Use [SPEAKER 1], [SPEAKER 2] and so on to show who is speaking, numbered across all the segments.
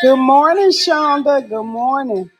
[SPEAKER 1] Good morning, Shonda. Good morning.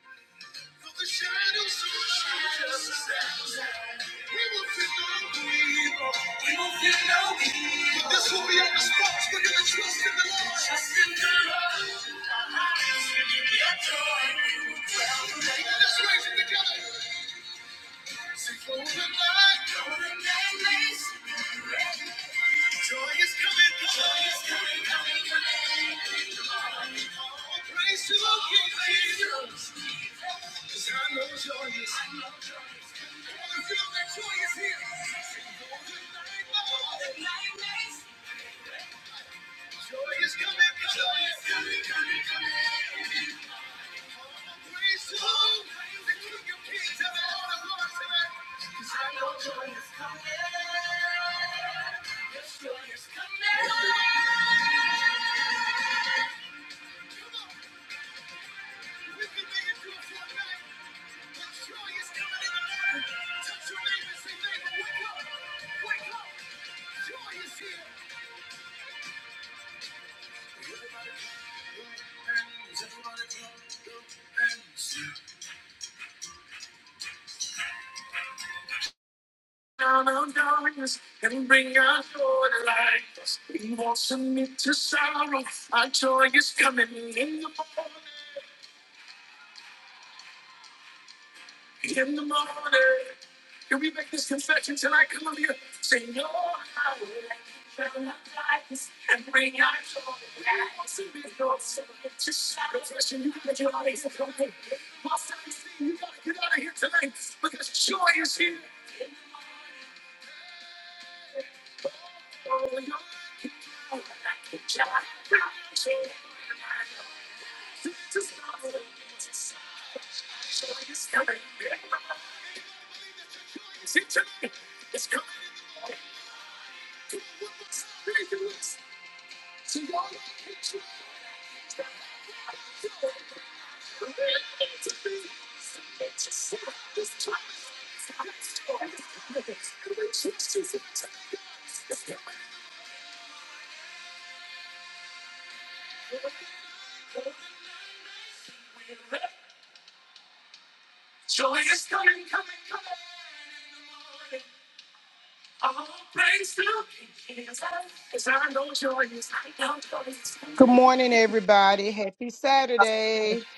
[SPEAKER 2] Good morning, everybody. Happy Saturday.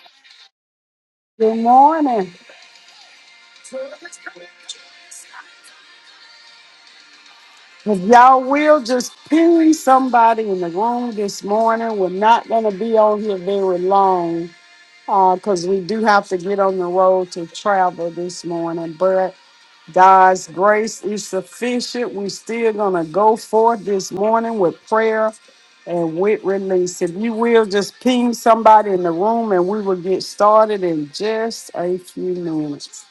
[SPEAKER 1] Good morning. If y'all will just ping somebody in the room this morning, we're not going to be on here very long because we do have to get on the road to travel this morning. But God's grace is sufficient. We're still going to go forth this morning with prayer and with release. If you will, just ping somebody in the room and we will get started in just a few minutes.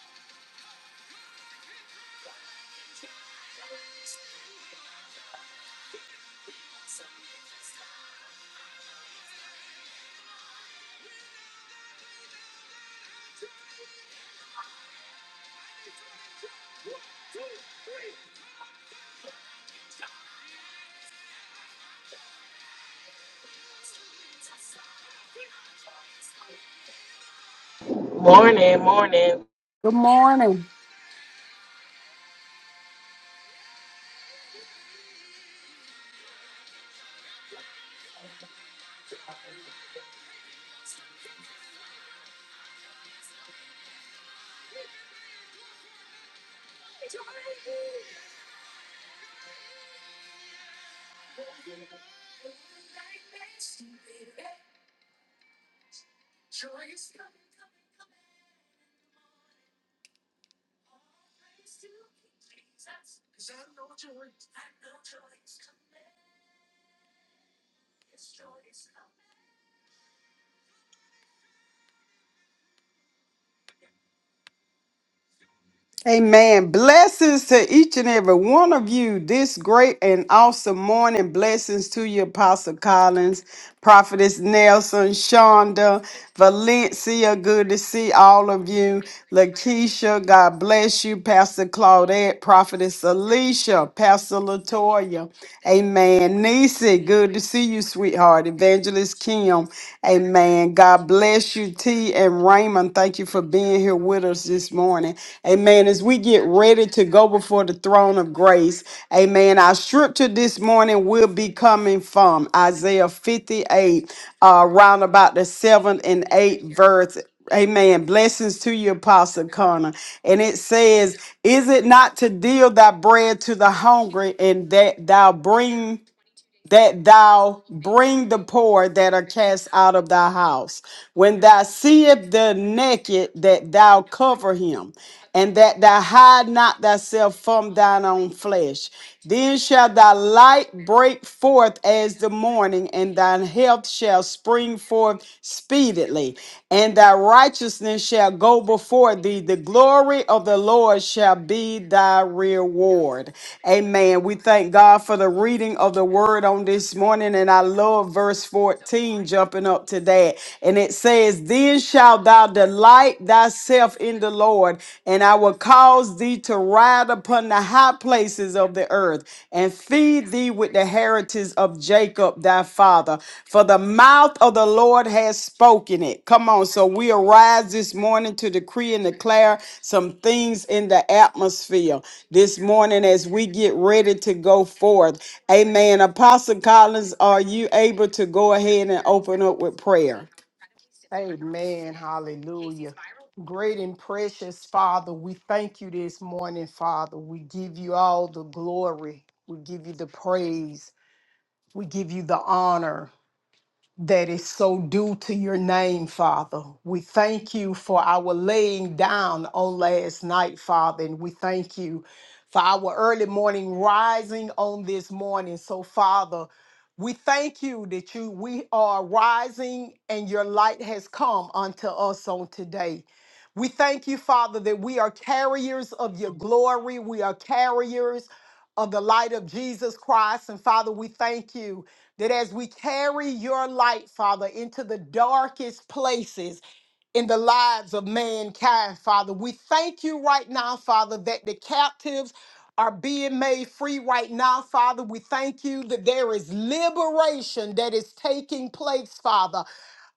[SPEAKER 3] Morning, morning.
[SPEAKER 1] Good morning. Amen. Blessings to each and every one of you this great and awesome morning. Blessings to you, Apostle Collins, Prophetess Nelson, Shonda, Valencia. Good to see all of you. Lakeisha, God bless you. Pastor Claudette, Prophetess Alicia, Pastor Latoya. Amen. Nisi, good to see you, sweetheart. Evangelist Kim. Amen. God God bless you, T and Raymond. Thank you for being here with us this morning. Amen. As we get ready to go before the throne of grace, amen. Our scripture this morning will be coming from Isaiah 58, uh, around about the seventh and eighth verse. Amen. Blessings to you, Apostle Connor. And it says, Is it not to deal thy bread to the hungry and that thou bring that thou bring the poor that are cast out of thy house. When thou seest the naked, that thou cover him, and that thou hide not thyself from thine own flesh. Then shall thy light break forth as the morning, and thine health shall spring forth speedily, and thy righteousness business shall go before thee. The glory of the Lord shall be thy reward. Amen. We thank God for the reading of the word on this morning. And I love verse 14 jumping up to that. And it says, Then shalt thou delight thyself in the Lord, and I will cause thee to ride upon the high places of the earth earth and feed thee with the heritage of Jacob thy father. For the mouth of the Lord has spoken it. Come on. So we arise this morning to decree and declare some things in the atmosphere this morning as we get ready to go forth. Amen. Apostle Collins, are you able to go ahead and open up with prayer?
[SPEAKER 2] Amen. Hallelujah. Great and precious Father, we thank you this morning, Father. We give you all the glory. We give you the praise. We give you the honor. that is so due to your name, Father. We thank you for our laying down on last night, Father, and we thank you for our early morning rising on this morning. So, Father, we thank you that you we are rising and your light has come unto us on today. We thank you, Father, that we are carriers of your glory. We are carriers of the light of Jesus Christ. And Father, we thank you that as we carry your light, Father, into the darkest places in the lives of mankind, Father, we thank you right now, Father, that the captives are being made free right now, Father. We thank you that there is liberation that is taking place, Father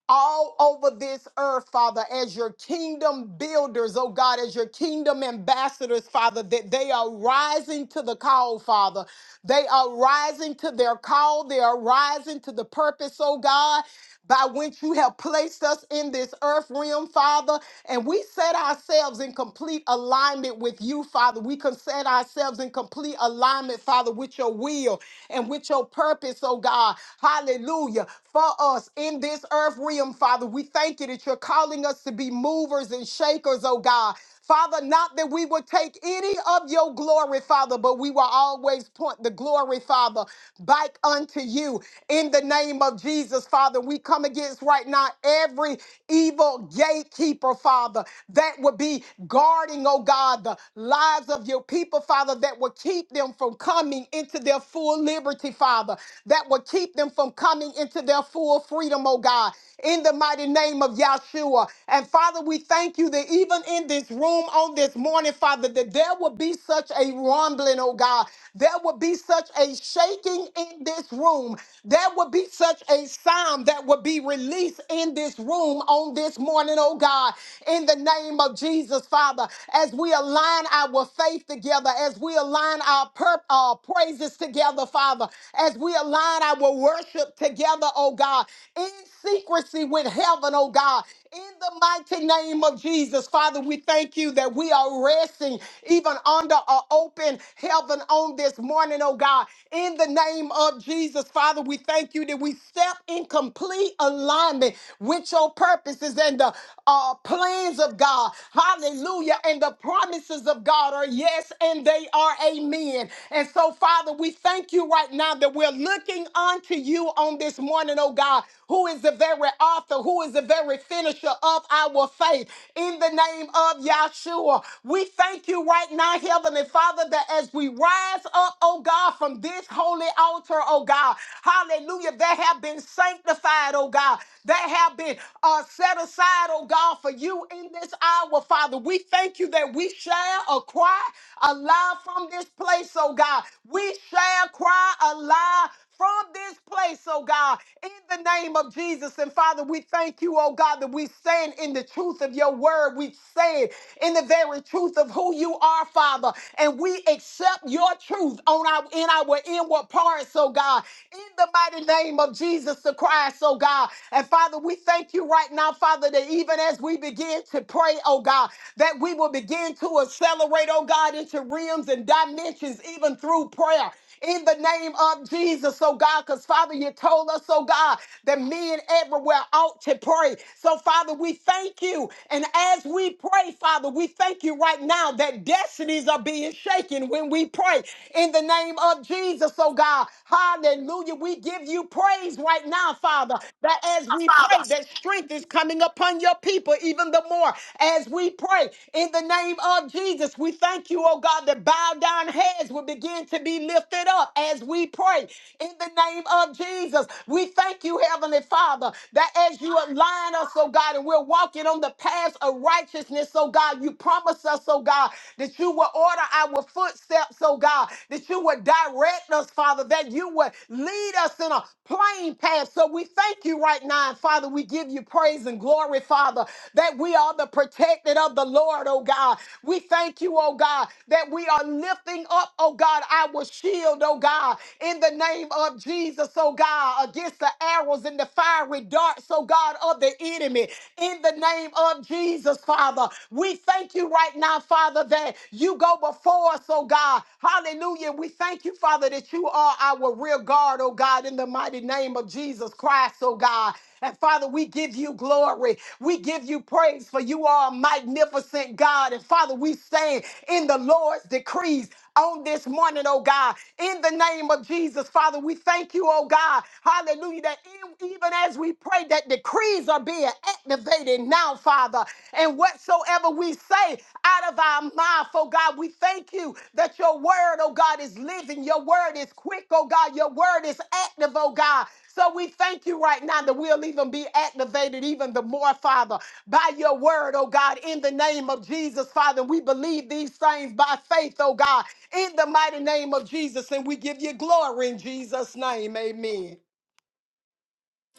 [SPEAKER 2] all over this earth, Father, as your kingdom builders, oh God, as your kingdom ambassadors, Father, that they are rising to the call, Father. They are rising to their call. They are rising to the purpose, oh God by which you have placed us in this earth realm, Father. And we set ourselves in complete alignment with you, Father. We can set ourselves in complete alignment, Father, with your will and with your purpose, oh God. Hallelujah. For us in this earth realm, Father, we thank you that you're calling us to be movers and shakers, oh God. Father, not that we will take any of your glory, Father, but we will always point the glory, Father, back unto you in the name of Jesus, Father. We come against right now every evil gatekeeper, Father, that would be guarding, oh God, the lives of your people, Father, that will keep them from coming into their full liberty, Father, that will keep them from coming into their full freedom, oh God, in the mighty name of Yahshua. And Father, we thank you you that even in this room on this morning, Father, that there will be such a rumbling, oh God. There will be such a shaking in this room. There will be such a sound that will be released in this room on this morning, oh God. In the name of Jesus, Father, as we align our faith together, as we align our pur- uh, praises together, Father, as we align our worship together, oh God, in secrecy with heaven, oh God. In the mighty name of Jesus, Father, we thank you that we are resting even under an open heaven on this morning, oh God. In the name of Jesus, Father, we thank you that we step in complete alignment with your purposes and the uh, plans of God. Hallelujah. And the promises of God are yes and they are amen. And so, Father, we thank you right now that we're looking unto you on this morning, oh God who is the very author, who is the very finisher of our faith. In the name of Yahshua, we thank you right now, Heavenly Father, that as we rise up, oh God, from this holy altar, oh God, hallelujah, that have been sanctified, oh God, that have been uh, set aside, oh God, for you in this hour, Father. We thank you that we shall a cry aloud from this place, oh God. We shall cry aloud from this place, oh God, in the name of Jesus. And Father, we thank you, oh God, that we stand in the truth of your word. We stand in the very truth of who you are, Father. And we accept your truth on our in our inward parts, oh God, in the mighty name of Jesus the Christ, oh God. And Father, we thank you right now, Father, that even as we begin to pray, oh God, that we will begin to accelerate, oh God, into realms and dimensions, even through prayer in the name of Jesus, oh God, because Father, you told us, oh God, that men everywhere ought to pray. So, Father, we thank you. And as we pray, Father, we thank you right now that destinies are being shaken when we pray in the name of Jesus, oh God. Hallelujah. We give you praise right now, Father, that as we pray, that strength is coming upon your people even the more. As we pray in the name of Jesus, we thank you, oh God, that bowed down heads will begin to be be lifted up as we pray in the name of Jesus. We thank you, Heavenly Father, that as you align us, oh God, and we're walking on the path of righteousness, oh God, you promise us, oh God, that you will order our footsteps, oh God, that you would direct us, Father, that you would lead us in a plain path. So we thank you right now, and Father. We give you praise and glory, Father, that we are the protected of the Lord, oh God. We thank you, oh God, that we are lifting up, oh God. God, our shield, oh God, in the name of Jesus, oh God, against the arrows and the fiery darts, oh God, of the enemy, in the name of Jesus, Father. We thank you right now, Father, that you go before us, oh God. Hallelujah. We thank you, Father, that you are our real guard, oh God, in the mighty name of Jesus Christ, oh God. And Father, we give you glory. We give you praise for you are a magnificent God. And Father, we stand in the Lord's decrees on this morning, oh God. In the name of Jesus, Father, we thank you, oh God. Hallelujah. That e- even as we pray, that decrees are being activated now, Father. And whatsoever we say out of our mouth, oh God, we thank you that your word, oh God, is living. Your word is quick, oh God. Your word is active, oh God. So we thank you right now that we'll even be activated even the more, Father, by your word, oh God, in the name of Jesus, Father. We believe these things by faith, oh God, in the mighty name of Jesus. And we give you glory in Jesus' name. Amen.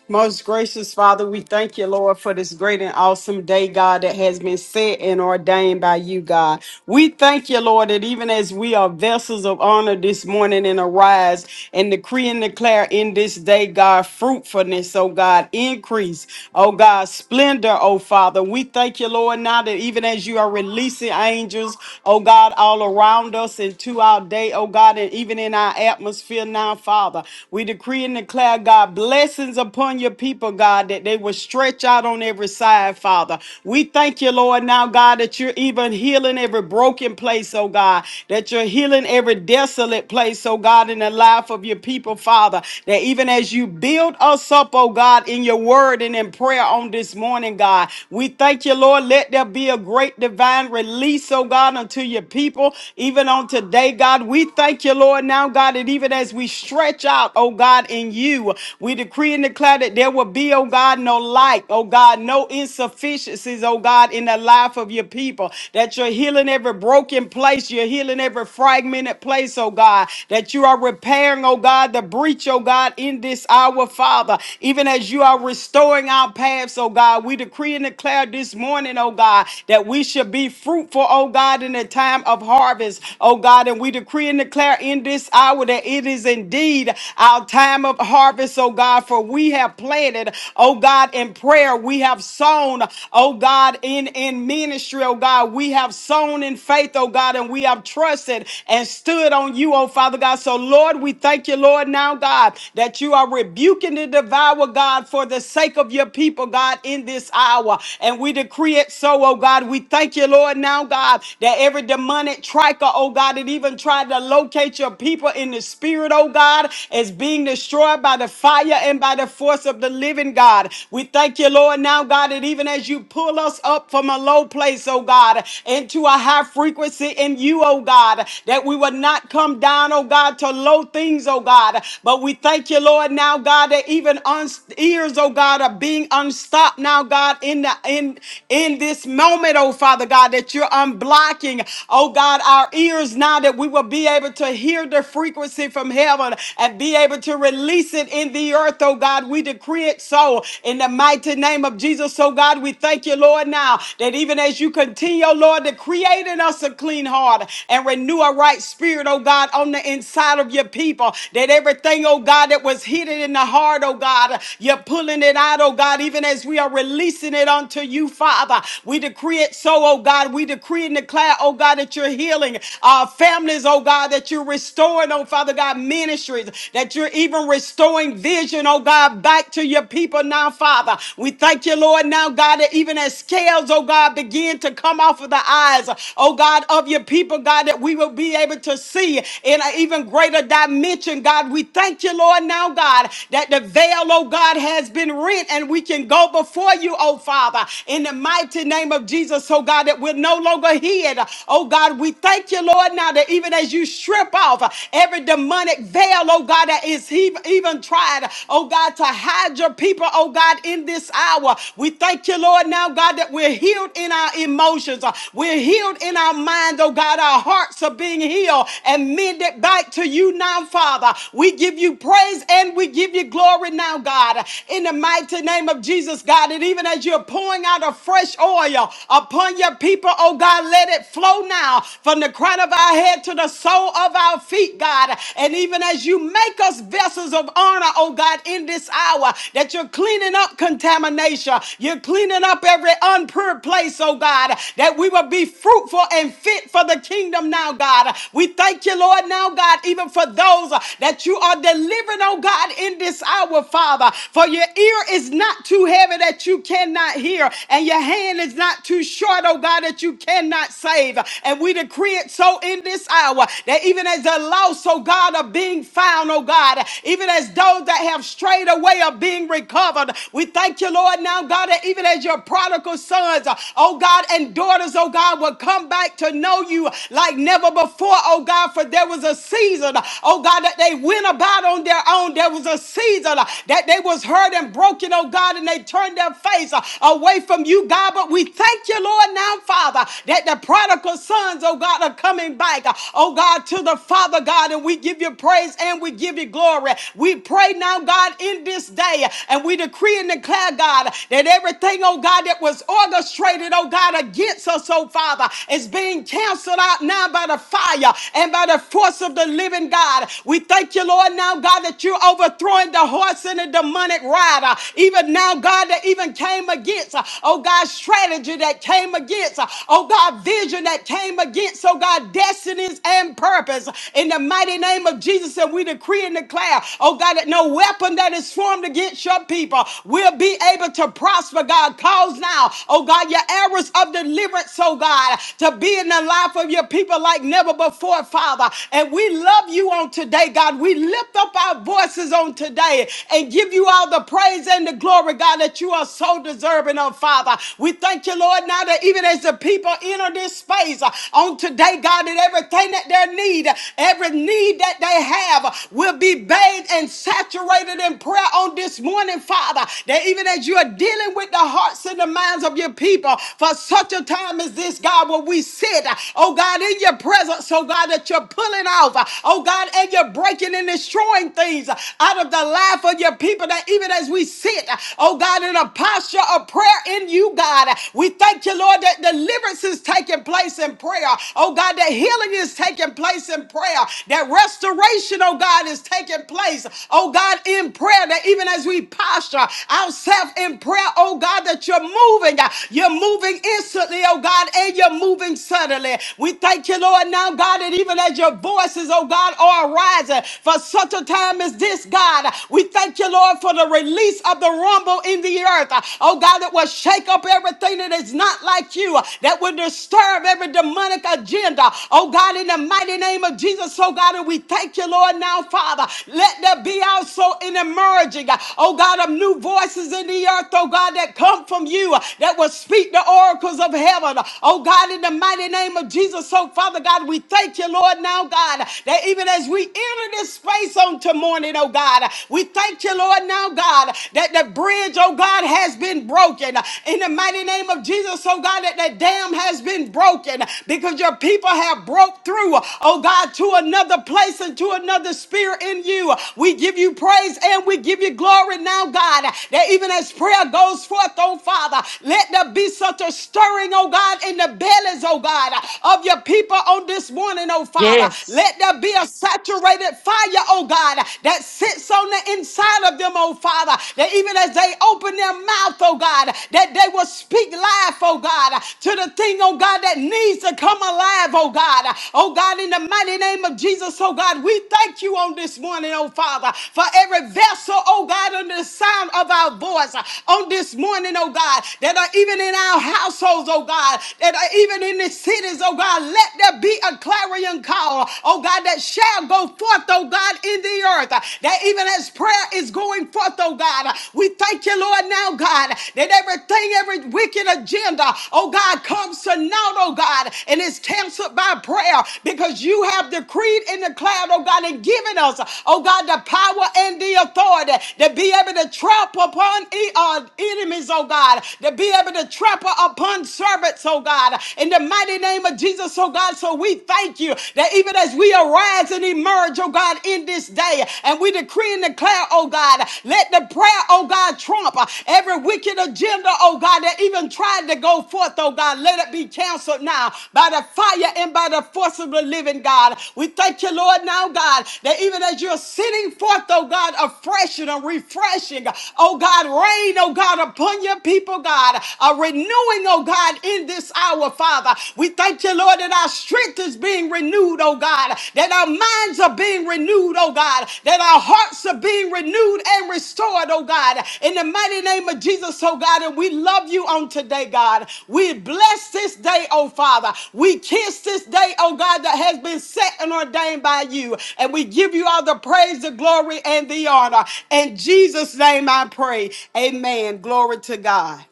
[SPEAKER 1] Most gracious Father, we thank you, Lord, for this great and awesome day, God, that has been set and ordained by you, God. We thank you, Lord, that even as we are vessels of honor this morning and arise and decree and declare in this day, God, fruitfulness, oh God, increase, oh God, splendor, oh Father. We thank you, Lord, now that even as you are releasing angels, oh God, all around us and to our day, oh God, and even in our atmosphere now, Father, we decree and declare. God, blessings upon your people, God, that they will stretch out on every side, Father. We thank you, Lord, now, God, that you're even healing every broken place, oh God, that you're healing every desolate place, oh God, in the life of your people, Father, that even as you build us up, oh God, in your word and in prayer on this morning, God, we thank you, Lord, let there be a great divine release, oh God, unto your people, even on today, God. We thank you, Lord, now, God, that even as we stretch out, out, oh God, in you. We decree and declare that there will be, oh God, no lack, oh God, no insufficiencies, oh God, in the life of your people. That you're healing every broken place, you're healing every fragmented place, oh God. That you are repairing, oh God, the breach, oh God, in this hour, Father. Even as you are restoring our paths, oh God, we decree and declare this morning, oh God, that we should be fruitful, oh God, in the time of harvest, oh God. And we decree and declare in this hour that that it is indeed our time of harvest, oh God, for we have planted, oh God, in prayer. We have sown, oh God, in, in ministry, oh God. We have sown in faith, oh God, and we have trusted and stood on you, oh Father God. So, Lord, we thank you, Lord, now, God, that you are rebuking the devourer, God, for the sake of your people, God, in this hour. And we decree it so, oh God. We thank you, Lord, now, God, that every demonic tricker, oh God, it even tried to locate your people in the spirit, oh God, as being destroyed by the fire and by the force of the living God. We thank you, Lord, now, God, that even as you pull us up from a low place, oh God, into a high frequency in you, oh God, that we will not come down, oh God, to low things, oh God. But we thank you, Lord, now, God, that even uns- ears, oh God, are being unstopped now, God, in the in in this moment, oh Father God, that you're unblocking, oh God, our ears ears now that we will be able to hear the frequency from heaven and be able to release it in the earth, oh God. We decree it so in the mighty name of Jesus. So, God, we thank you, Lord, now that even as you continue, oh Lord, to create in us a clean heart and renew a right spirit, oh God, on the inside of your people, that everything, oh God, that was hidden in the heart, oh God, you're pulling it out, oh God, even as we are releasing it unto you, Father. We decree it so, oh God. We decree and declare, oh oh God, that you're healing uh, families, oh God, that you're restoring, oh Father God, ministries, that you're even restoring vision, oh God, back to your people now, Father. We thank you, Lord, now, God, that even as scales, oh God, begin to come off of the eyes, oh God, of your people, God, that we will be able to see in an even greater dimension, God. We thank you, Lord, now, God, that the veil, oh God, has been rent and we can go before you, oh Father, in the mighty name of Jesus, oh God, that we're we're no longer hid. Oh God, we thank you, Lord, now that even as you strip off every demonic veil, oh God, that is he- even tried, oh God, to hide your people, oh God, in this hour. We thank you, Lord, now, God, that we're healed in our emotions. We're healed in our minds, oh God. Our hearts are being healed and mended back to you now, Father. We give you praise and we give you glory now, God. In the mighty name of Jesus, God, and even as you're pouring out a fresh oil, oil upon your people, oh God. Let it flow now from the crown of our head to the sole of our feet, God. And even as you make us vessels of honor, oh God, in this hour, that you're cleaning up contamination, you're cleaning up every unpure place, oh God, that we will be fruitful and fit for the kingdom now, God. We thank you, Lord, now, God, even for those uh, that you are delivering, oh God, in this hour, Father. For your ear is not too heavy that you cannot not hear, and your hand is not too short, oh God, that you cannot save. And we decree it so in this hour that even as the lost, oh God, are being found, oh God, even as those that have strayed away are being recovered, we thank you, Lord, now, God, that even as your prodigal sons, oh God, and daughters, oh God, will come back to know you like never before, oh God, for there was a season, oh God, that they went about on their own. There was a season that they was hurt and broken, oh God, and they they turned their face uh, away from you, God. But we thank you, Lord, now, Father, that the prodigal sons, oh God, are coming back, uh, oh God, to the Father, God. And we give you praise and we give you glory. We pray now, God, in this day, and we decree and declare, God, that everything, oh God, that was orchestrated, oh God, against us, oh Father, is being canceled out now by the fire and by the force of the living God. We thank you, Lord, now, God, that you're overthrowing the horse and the demonic rod, uh, even now, God, that even came against, uh, oh God, strategy that came against, uh, oh God, vision that came against, oh God, destinies and purpose. In the mighty name of Jesus, and we decree and declare, oh God, that no weapon that is formed against your people will be able to prosper, God. Cause now, oh God, your arrows of deliverance, oh God, to be in the life of your people like never before, Father. And we love you on today, God. We lift up our voices on today today and give you all the praise and the glory, God, that you are so deserving of, Father. We thank you, Lord, now that even as the people enter this space uh, on today, God, that everything that they need, every need that they have, will be bathed and saturated in prayer on this morning, Father. That even as you are dealing with the hearts and the minds of your people for such a time as this, God, where we sit, uh, oh God, in your presence, oh God, that you're pulling off, uh, oh God, and you're breaking and destroying pulling things out of the life of your people that even as we sit, oh God, in a posture of prayer in you, God, we thank you, Lord, that deliverance is taking place in prayer. Oh God, that healing is taking place in prayer, that restoration, oh God, is taking place, oh God, in prayer, that even as we posture ourselves in prayer, oh God, that you're moving, you're moving instantly, oh God, and you're moving suddenly. We thank you, Lord, now, God, that even as your voices, oh God, are arising rising for such a time as this, God. We thank you, Lord, for the release of the rumble in the earth. Oh, God, that will shake up everything that is not like you, that will disturb every demonic agenda. Oh, God, in the mighty name of Jesus, oh, God, and we thank you, Lord, now, Father. Let there be also an emerging, oh, God, of new voices in the earth, oh, God, that come from you, that will speak the oracles of heaven. Oh, God, in the mighty name of Jesus, oh, Father God, we thank you, Lord, now, God. God, that even as we enter this space on to morning, oh God, we thank you, Lord, now, God, that the bridge, oh God, has been broken. In the mighty name of Jesus, oh God, that the dam has been broken because your people have broke through, oh God, to another place and to another spirit in you. We give you praise and we give you glory now, God, that even as prayer goes forth, oh Father, let there be such a stirring, oh God, in the bellies, oh God, of your people on this this morning, oh Father.
[SPEAKER 3] Yes.
[SPEAKER 1] Let there be a saturated fire, oh God, that sits on the inside of them, oh Father. That even as they open their mouth, oh God, that they will speak life, oh God, to the thing, oh God, that needs to come alive, oh God. Oh God, in the mighty name of Jesus, oh God, we thank you on this morning, oh Father, for every vessel, oh God, under the sound of our voice uh, on this morning, oh God, that are even in our households, oh God, that are even in the cities, things, oh God, let there be a clarion call, oh God, that shall go forth, oh God, in the earth. That even as prayer is going forth, oh God, we thank you, Lord, now, God, that everything, every wicked agenda, oh God, comes to naught, oh God, and is canceled by prayer because you have decreed and declared, oh God, and given us, oh God, the power and the authority to be able to trample upon e- uh, enemies, oh God, to be able to trample upon servants, oh God. God, in the mighty name of Jesus, oh God. So we thank you that even as we arise and emerge, oh God, in this day, and we decree and declare, oh God, let the prayer, oh God, trump uh, every wicked agenda, oh God, that even tried to go forth, oh God. Let it be canceled now by the fire and by the force of the living God. We thank you, Lord, now, God, that even as you're sending forth, oh God, a fresh and a refreshing, oh God, rain, oh God, upon your people, God, a renewing, doing, oh God, in this hour, Father. We thank you, Lord, that our strength is being renewed, oh God, that our minds are being renewed, oh God, that our hearts are being renewed and restored, oh God, in the mighty name of Jesus, oh God. And we love you on today, God. We bless this day, oh Father. We kiss this day, oh God, that has been set and ordained by you. And we give you all the praise, the glory, and the honor. In Jesus' name I pray. Amen. Glory to God.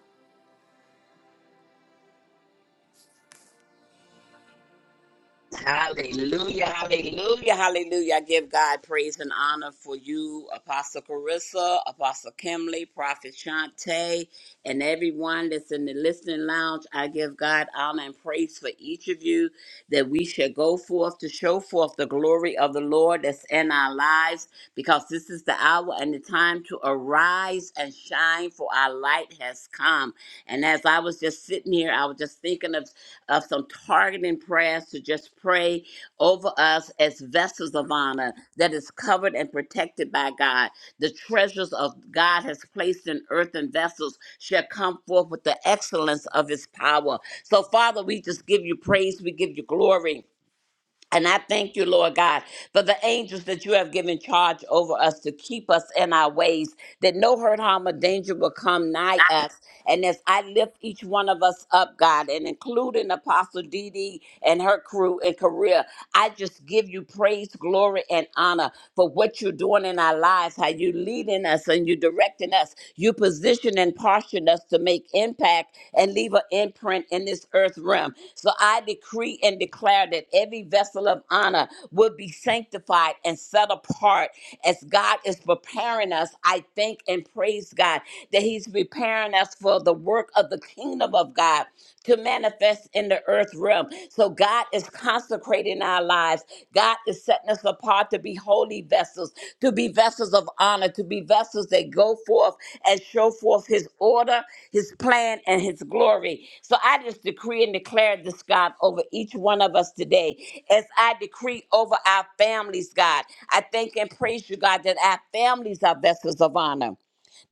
[SPEAKER 4] Hallelujah, hallelujah, hallelujah. I give God praise and honor for you, Apostle Carissa, Apostle Kimley, Prophet Shante, and everyone that's in the listening lounge. I give God honor and praise for each of you that we shall go forth to show forth the glory of the Lord that's in our lives because this is the hour and the time to arise and shine, for our light has come. And as I was just sitting here, I was just thinking of of some targeting prayers to just pray over us as vessels of honor that is covered and protected by God. The treasures of God has placed in earthen vessels shall come forth with the excellence of his power. So, Father, we just give you praise, we give you glory. And I thank you, Lord God, for the angels that you have given charge over us to keep us in our ways, that no hurt, harm, or danger will come nigh us. And as I lift each one of us up, God, and including Apostle Dee Dee and her crew and career, I just give you praise, glory, and honor for what you're doing in our lives, how you're leading us and you're directing us. You position and portion us to make impact and leave an imprint in this earth realm. So I decree and declare that every vessel of honor will be sanctified and set apart as God is preparing us. I thank and praise God that He's preparing us for the work of the kingdom of God to manifest in the earth realm. So God is consecrating our lives. God is setting us apart to be holy vessels, to be vessels of honor, to be vessels that go forth and show forth his order, his plan, and his glory. So I just decree and declare this, God, over each one of us today. As I decree over our families, God, I thank and praise you, God, that our families are vessels of honor.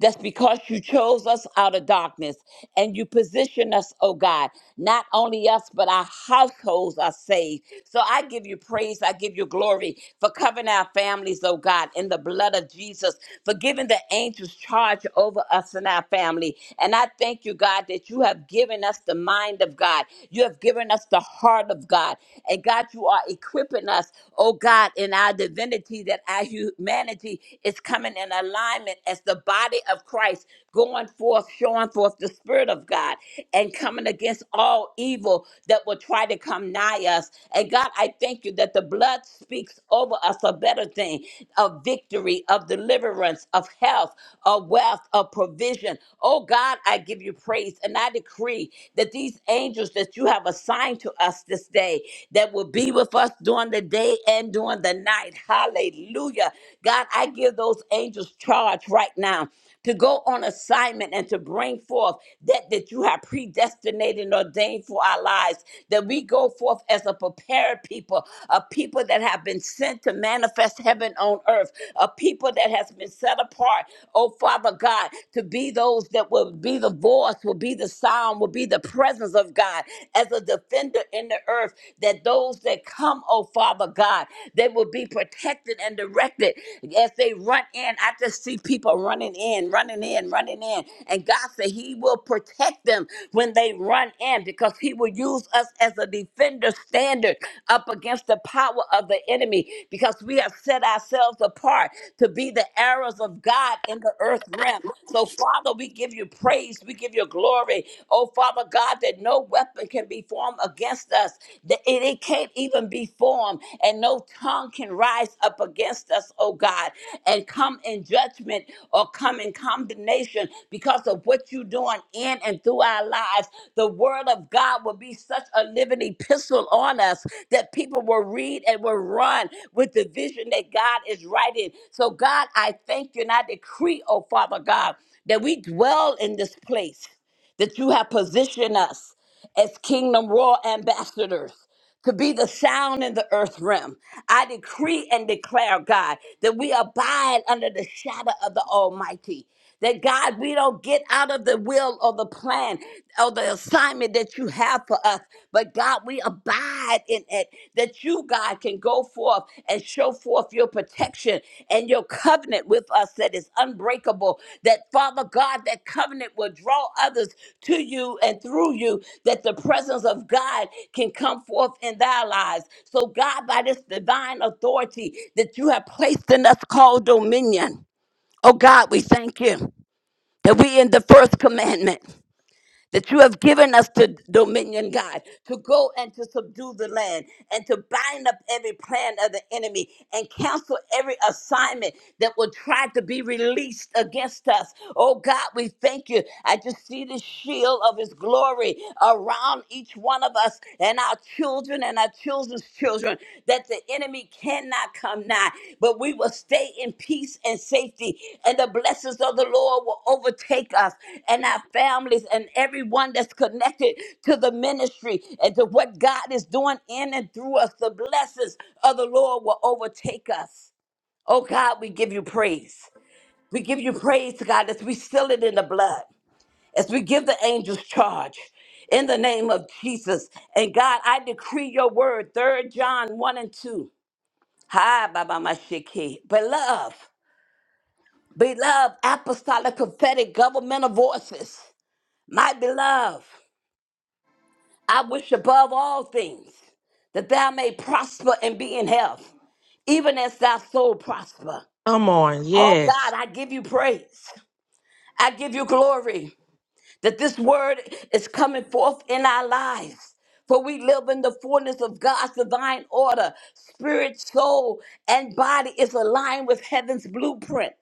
[SPEAKER 4] That's because you chose us out of darkness and you position us, oh God. Not only us, but our households are saved. So I give you praise. I give you glory for covering our families, oh God, in the blood of Jesus, for giving the angels charge over us and our family. And I thank you, God, that you have given us the mind of God. You have given us the heart of God. And God, you are equipping us, oh God, in our divinity that our humanity body is coming in alignment as the body of Christ, going forth, showing forth the Spirit of God, and coming against all evil that will try to come nigh us. And God, I thank you that the blood speaks over us a better thing of victory, of deliverance, of health, of wealth, of provision. Oh God, I give you praise. And I decree that these angels that you have assigned to us this day, that will be with us during the day and during the night. Hallelujah. God, I give those angels charge right now to go on assignment and to bring forth that that you have predestinated and ordained for our lives that we go forth as a prepared people a people that have been sent to manifest heaven on earth a people that has been set apart oh father god to be those that will be the voice will be the sound will be the presence of god as a defender in the earth that those that come oh Father God. They will be protected and directed as they run in. I just see people running in, running in, running in. And God said He will protect them when they run in because He will use us as a defender standard up against the power of the enemy because we have set ourselves apart to be the arrows of God in the earth realm. So, Father, we give you praise. We give you glory. Oh, Father God, that no weapon can be formed formed against us. That it, it can't even be formed, and no tongue can rise up against us, oh God, and come in judgment or come in condemnation because of what you're doing in and through our lives. The word of God will be such a living epistle on us that people will read and will run with the vision that God is writing. So, God, I thank you and I decree, oh Father God, that we dwell in this place that you have positioned us as kingdom royal ambassadors to be the sound in the earth realm. I decree and declare, God, that we abide under the shadow of the Almighty. That God, we don't get out of the will or the plan or the assignment that you have for us, but God, we abide in it. That you, God, can go forth and. Show forth your protection and your covenant with us that is unbreakable. That, Father God, that covenant will draw others to you and through you, that the presence of God can come forth in thy lives. So, God, by this divine authority that you have placed in us called dominion, oh God, we thank you that we in the first commandment that you have given us to dominion, God, to go and to subdue the land and to bind up every plan of the enemy and cancel every assignment that will try to be released against us. Oh God, we thank you. I just see the shield of his glory around each one of us and our children and our children's children that the enemy cannot come nigh, but we will stay in peace and safety, and the blessings of the Lord will overtake us and our families and everyone that's connected to the ministry and to what God is doing in and through us. The blessings of the Lord will overtake us. Oh God, we give you praise. We give you praise, God, as we seal it in the blood as we give the angels charge in the name of Jesus. And God, I decree your word, Third John 1 and 2. Hi, Baba Mashiki. Beloved, beloved, apostolic, prophetic, governmental voices. My beloved, I wish above all things that thou may prosper and be in health, even as thy soul prosper.
[SPEAKER 3] Come on.
[SPEAKER 4] Oh
[SPEAKER 3] Yes.
[SPEAKER 4] God, I give you praise. I give you glory. that this word is coming forth in our lives. For we live in the fullness of God's divine order. Spirit, soul, and body is aligned with heaven's blueprint.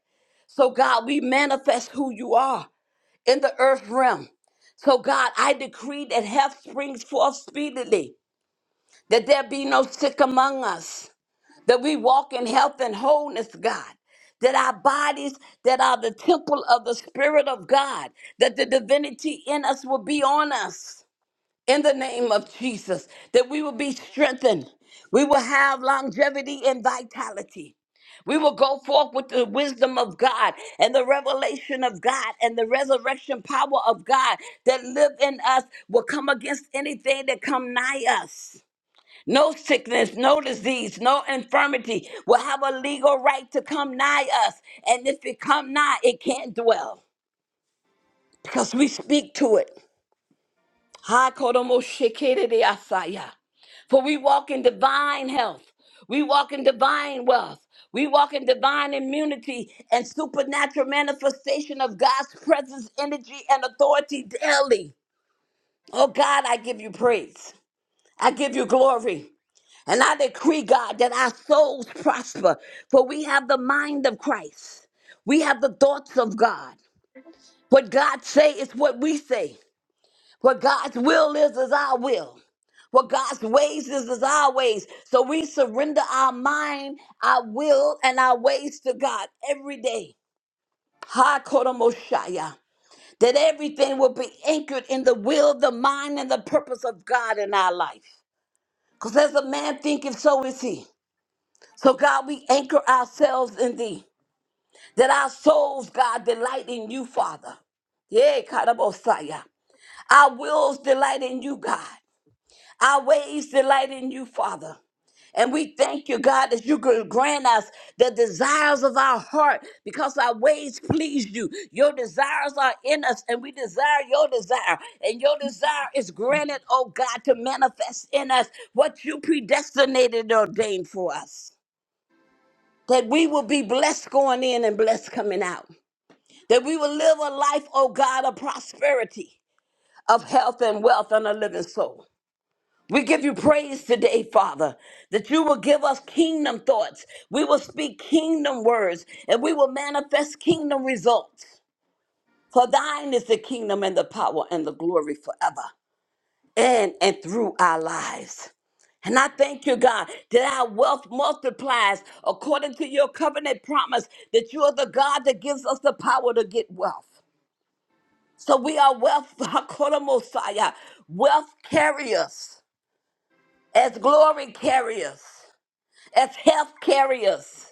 [SPEAKER 4] So, God, we manifest who you are in the earth realm. So, God, I decree that health springs forth speedily, that there be no sick among us, that we walk in health and wholeness, God. That our bodies that are the temple of the Spirit of God, that the divinity in us will be on us in the name of Jesus, that we will be strengthened. We will have longevity and vitality. We will go forth with the wisdom of God and the revelation of God and the resurrection power of God that live in us will come against anything that come nigh us. No sickness, no disease, no infirmity will have a legal right to come nigh us. And if it come nigh, it can't dwell because we speak to it. Ha, kodomo shekere asaya. For we walk in divine health. We walk in divine wealth. We walk in divine immunity and supernatural manifestation of God's presence, energy, and authority daily. Oh God, I give you praise. I give you glory. And I decree, God, that our souls prosper, for we have the mind of Christ. We have the thoughts of God. What God say is what we say. What God's will is is our will. What God's ways is is our ways. So we surrender our mind, our will, and our ways to God every day. Ha Kodomoshaya. That everything will be anchored in the will, the mind, and the purpose of God in our life. Because as a man thinketh, so is he. So, God, we anchor ourselves in thee, that our souls, God, delight in you, Father. Yeah, Karabosaya. Our wills delight in you, God. Our ways delight in you, Father. And we thank you, God, that you could grant us the desires of our heart because our ways please you. Your desires are in us, and we desire your desire. And your desire is granted, oh God, to manifest in us what you predestinated and ordained for us that we will be blessed going in and blessed coming out. That we will live a life, oh God, of prosperity, of health and wealth and a living soul. We give you praise today, Father, that you will give us kingdom thoughts. We will speak kingdom words and we will manifest kingdom results. For thine is the kingdom and the power and the glory forever in and through our lives. And I thank you, God, that our wealth multiplies according to your covenant promise that you are the God that gives us the power to get wealth. So we are wealth, Hakuna Mosiah, wealth carriers, as glory carriers, as health carriers.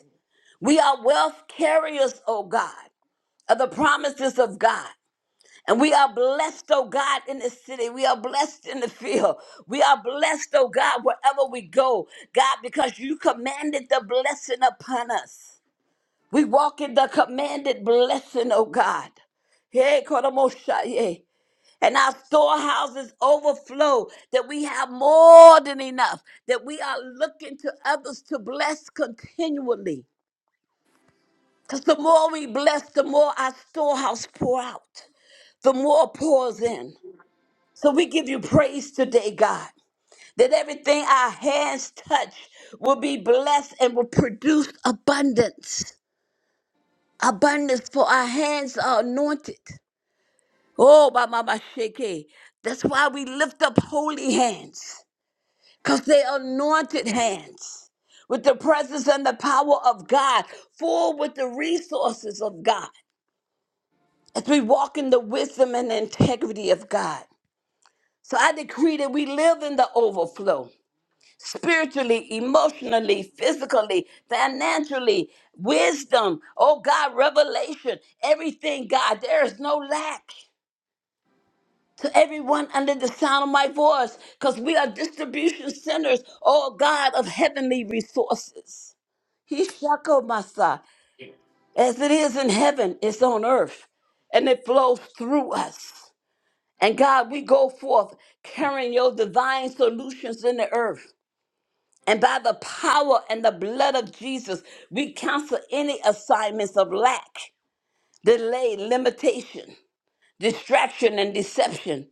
[SPEAKER 4] We are wealth carriers, oh God, of the promises of God. And we are blessed, oh God, in the city. We are blessed in the field. We are blessed, oh God, wherever we go. God, because you commanded the blessing upon us. We walk in the commanded blessing, oh God. Hey, Koromoshaye. And our storehouses overflow, that we have more than enough, that we are looking to others to bless continually. Because the more we bless, the more our storehouse pour out, the more pours in. So we give you praise today, God, that everything our hands touch will be blessed and will produce abundance. Abundance for our hands are anointed. Oh, my mama shake. That's why we lift up holy hands, because they're anointed hands with the presence and the power of God, full with the resources of God, as we walk in the wisdom and integrity of God. So I decree that we live in the overflow. spiritually, emotionally, physically, financially, wisdom, oh God, revelation, everything, God. There is no lack to everyone under the sound of my voice because we are distribution centers, oh God, of heavenly resources. He masa. As it is in heaven, it's on earth, and it flows through us. And God, we go forth carrying your divine solutions in the earth. And by the power and the blood of Jesus, we cancel any assignments of lack, delay, limitation, distraction, and deception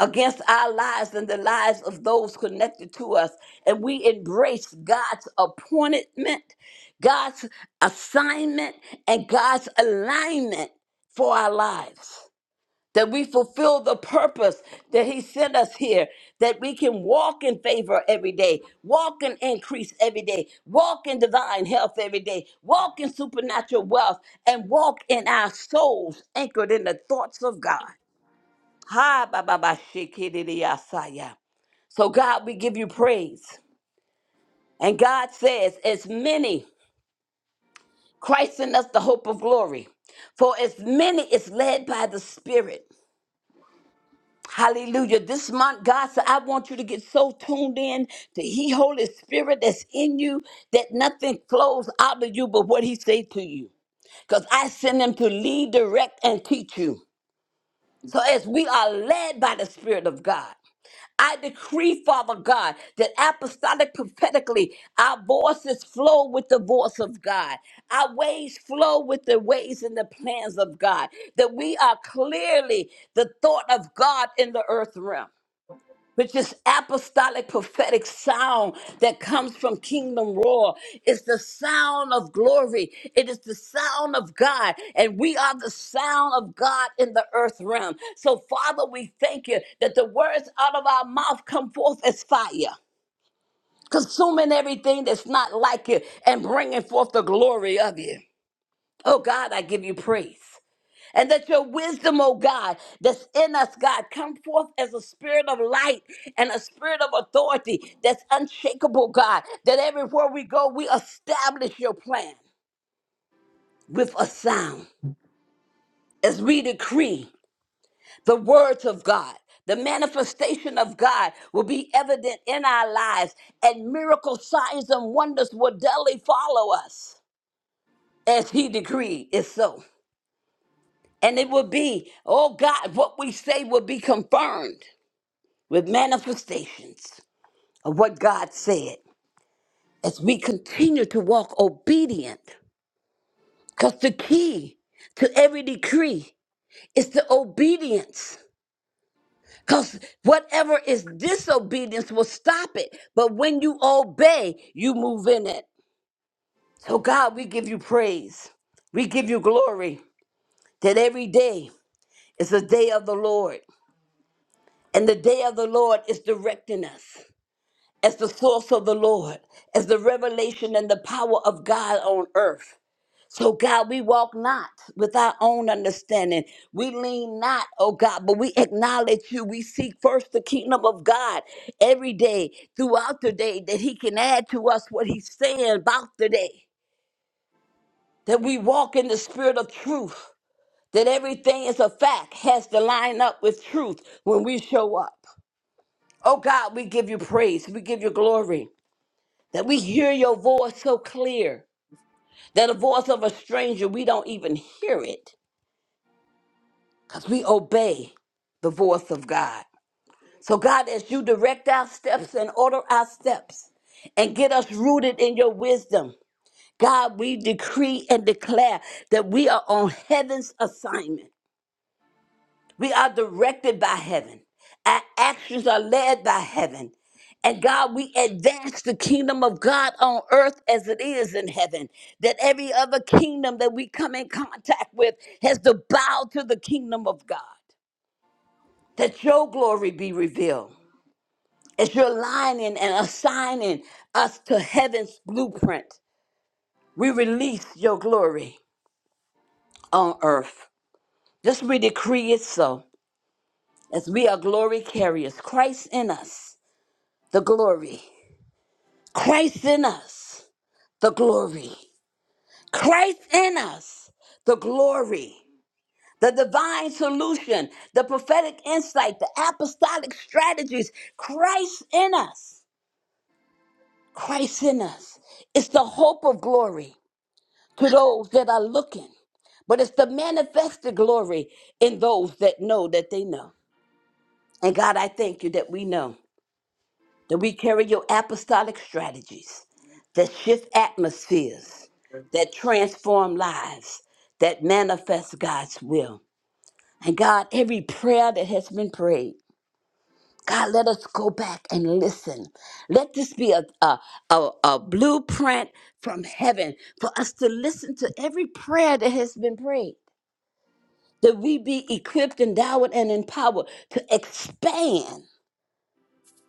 [SPEAKER 4] against our lives and the lives of those connected to us. And we embrace God's appointment, God's assignment, and God's alignment for our lives that we fulfill the purpose that He sent us here, that we can walk in favor every day, walk in increase every day, walk in divine health every day, walk in supernatural wealth, and walk in our souls anchored in the thoughts of God. Ha ba ba ba shikidiyasaya. So God, we give you praise. And God says, as many, Christ in us the hope of glory. For as many is led by the Spirit. Hallelujah. This month, God said, I want you to get so tuned in to He Holy Spirit that's in you that nothing flows out of you but what He say to you. Because I send Him to lead, direct, and teach you. So as we are led by the Spirit of God, I decree, Father God, that apostolic prophetically our voices flow with the voice of God. Our ways flow with the ways and the plans of God. That we are clearly the thought of God in the earth realm which is apostolic prophetic sound that comes from kingdom roar it's the sound of glory it is the sound of god and we are the sound of god in the earth realm so father we thank you that the words out of our mouth come forth as fire consuming everything that's not like you and bringing forth the glory of you oh god i give you praise and that your wisdom, oh God, that's in us, God, come forth as a spirit of light and a spirit of authority that's unshakable, God, that everywhere we go, we establish your plan with a sound as we decree the words of God. The manifestation of God will be evident in our lives, and miracle signs and wonders will daily follow us as He decreed is so. And it will be, oh God, what we say will be confirmed with manifestations of what God said as we continue to walk obedient. Because the key to every decree is the obedience. Because whatever is disobedience will stop it. But when you obey, you move in it. So, God, we give you praise. We give you glory that every day is a day of the Lord. And the day of the Lord is directing us. as the source of the Lord, as the revelation and the power of God on earth. So, God, we walk not with our own understanding. We lean not, oh God, but we acknowledge you. We seek first the kingdom of God every day, throughout the day, that He can add to us what He's saying about the day. That we walk in the spirit of truth, that everything is a fact, has to line up with truth when we show up. Oh God, we give you praise, we give you glory. that we hear your voice so clear that the voice of a stranger, we don't even hear it because we obey the voice of God. So, God, as you direct our steps and order our steps and get us rooted in your wisdom, God, we decree and declare that we are on heaven's assignment We are directed by heaven. Our actions are led by heaven. And God, we advance the kingdom of God on earth as it is in heaven. That every other kingdom that we come in contact with has to bow to the kingdom of God. That your glory be revealed. As you're aligning and assigning us to heaven's blueprint, we release your glory on earth. Just we decree it so, as we are glory carriers, Christ in us the glory. Christ in us, the glory. Christ in us, the glory. The divine solution, the prophetic insight, the apostolic strategies. Christ in us, Christ in us. It's the hope of glory to those that are looking, but it's the manifested glory in those that know that they know. And God, I thank you that we know. that we carry your apostolic strategies that shift atmospheres, that transform lives, that manifest God's will. And God, every prayer that has been prayed, God, let us go back and listen. Let this be a, a, a, a blueprint from heaven for us to listen to every prayer that has been prayed, that we be equipped, endowed, and empowered to expand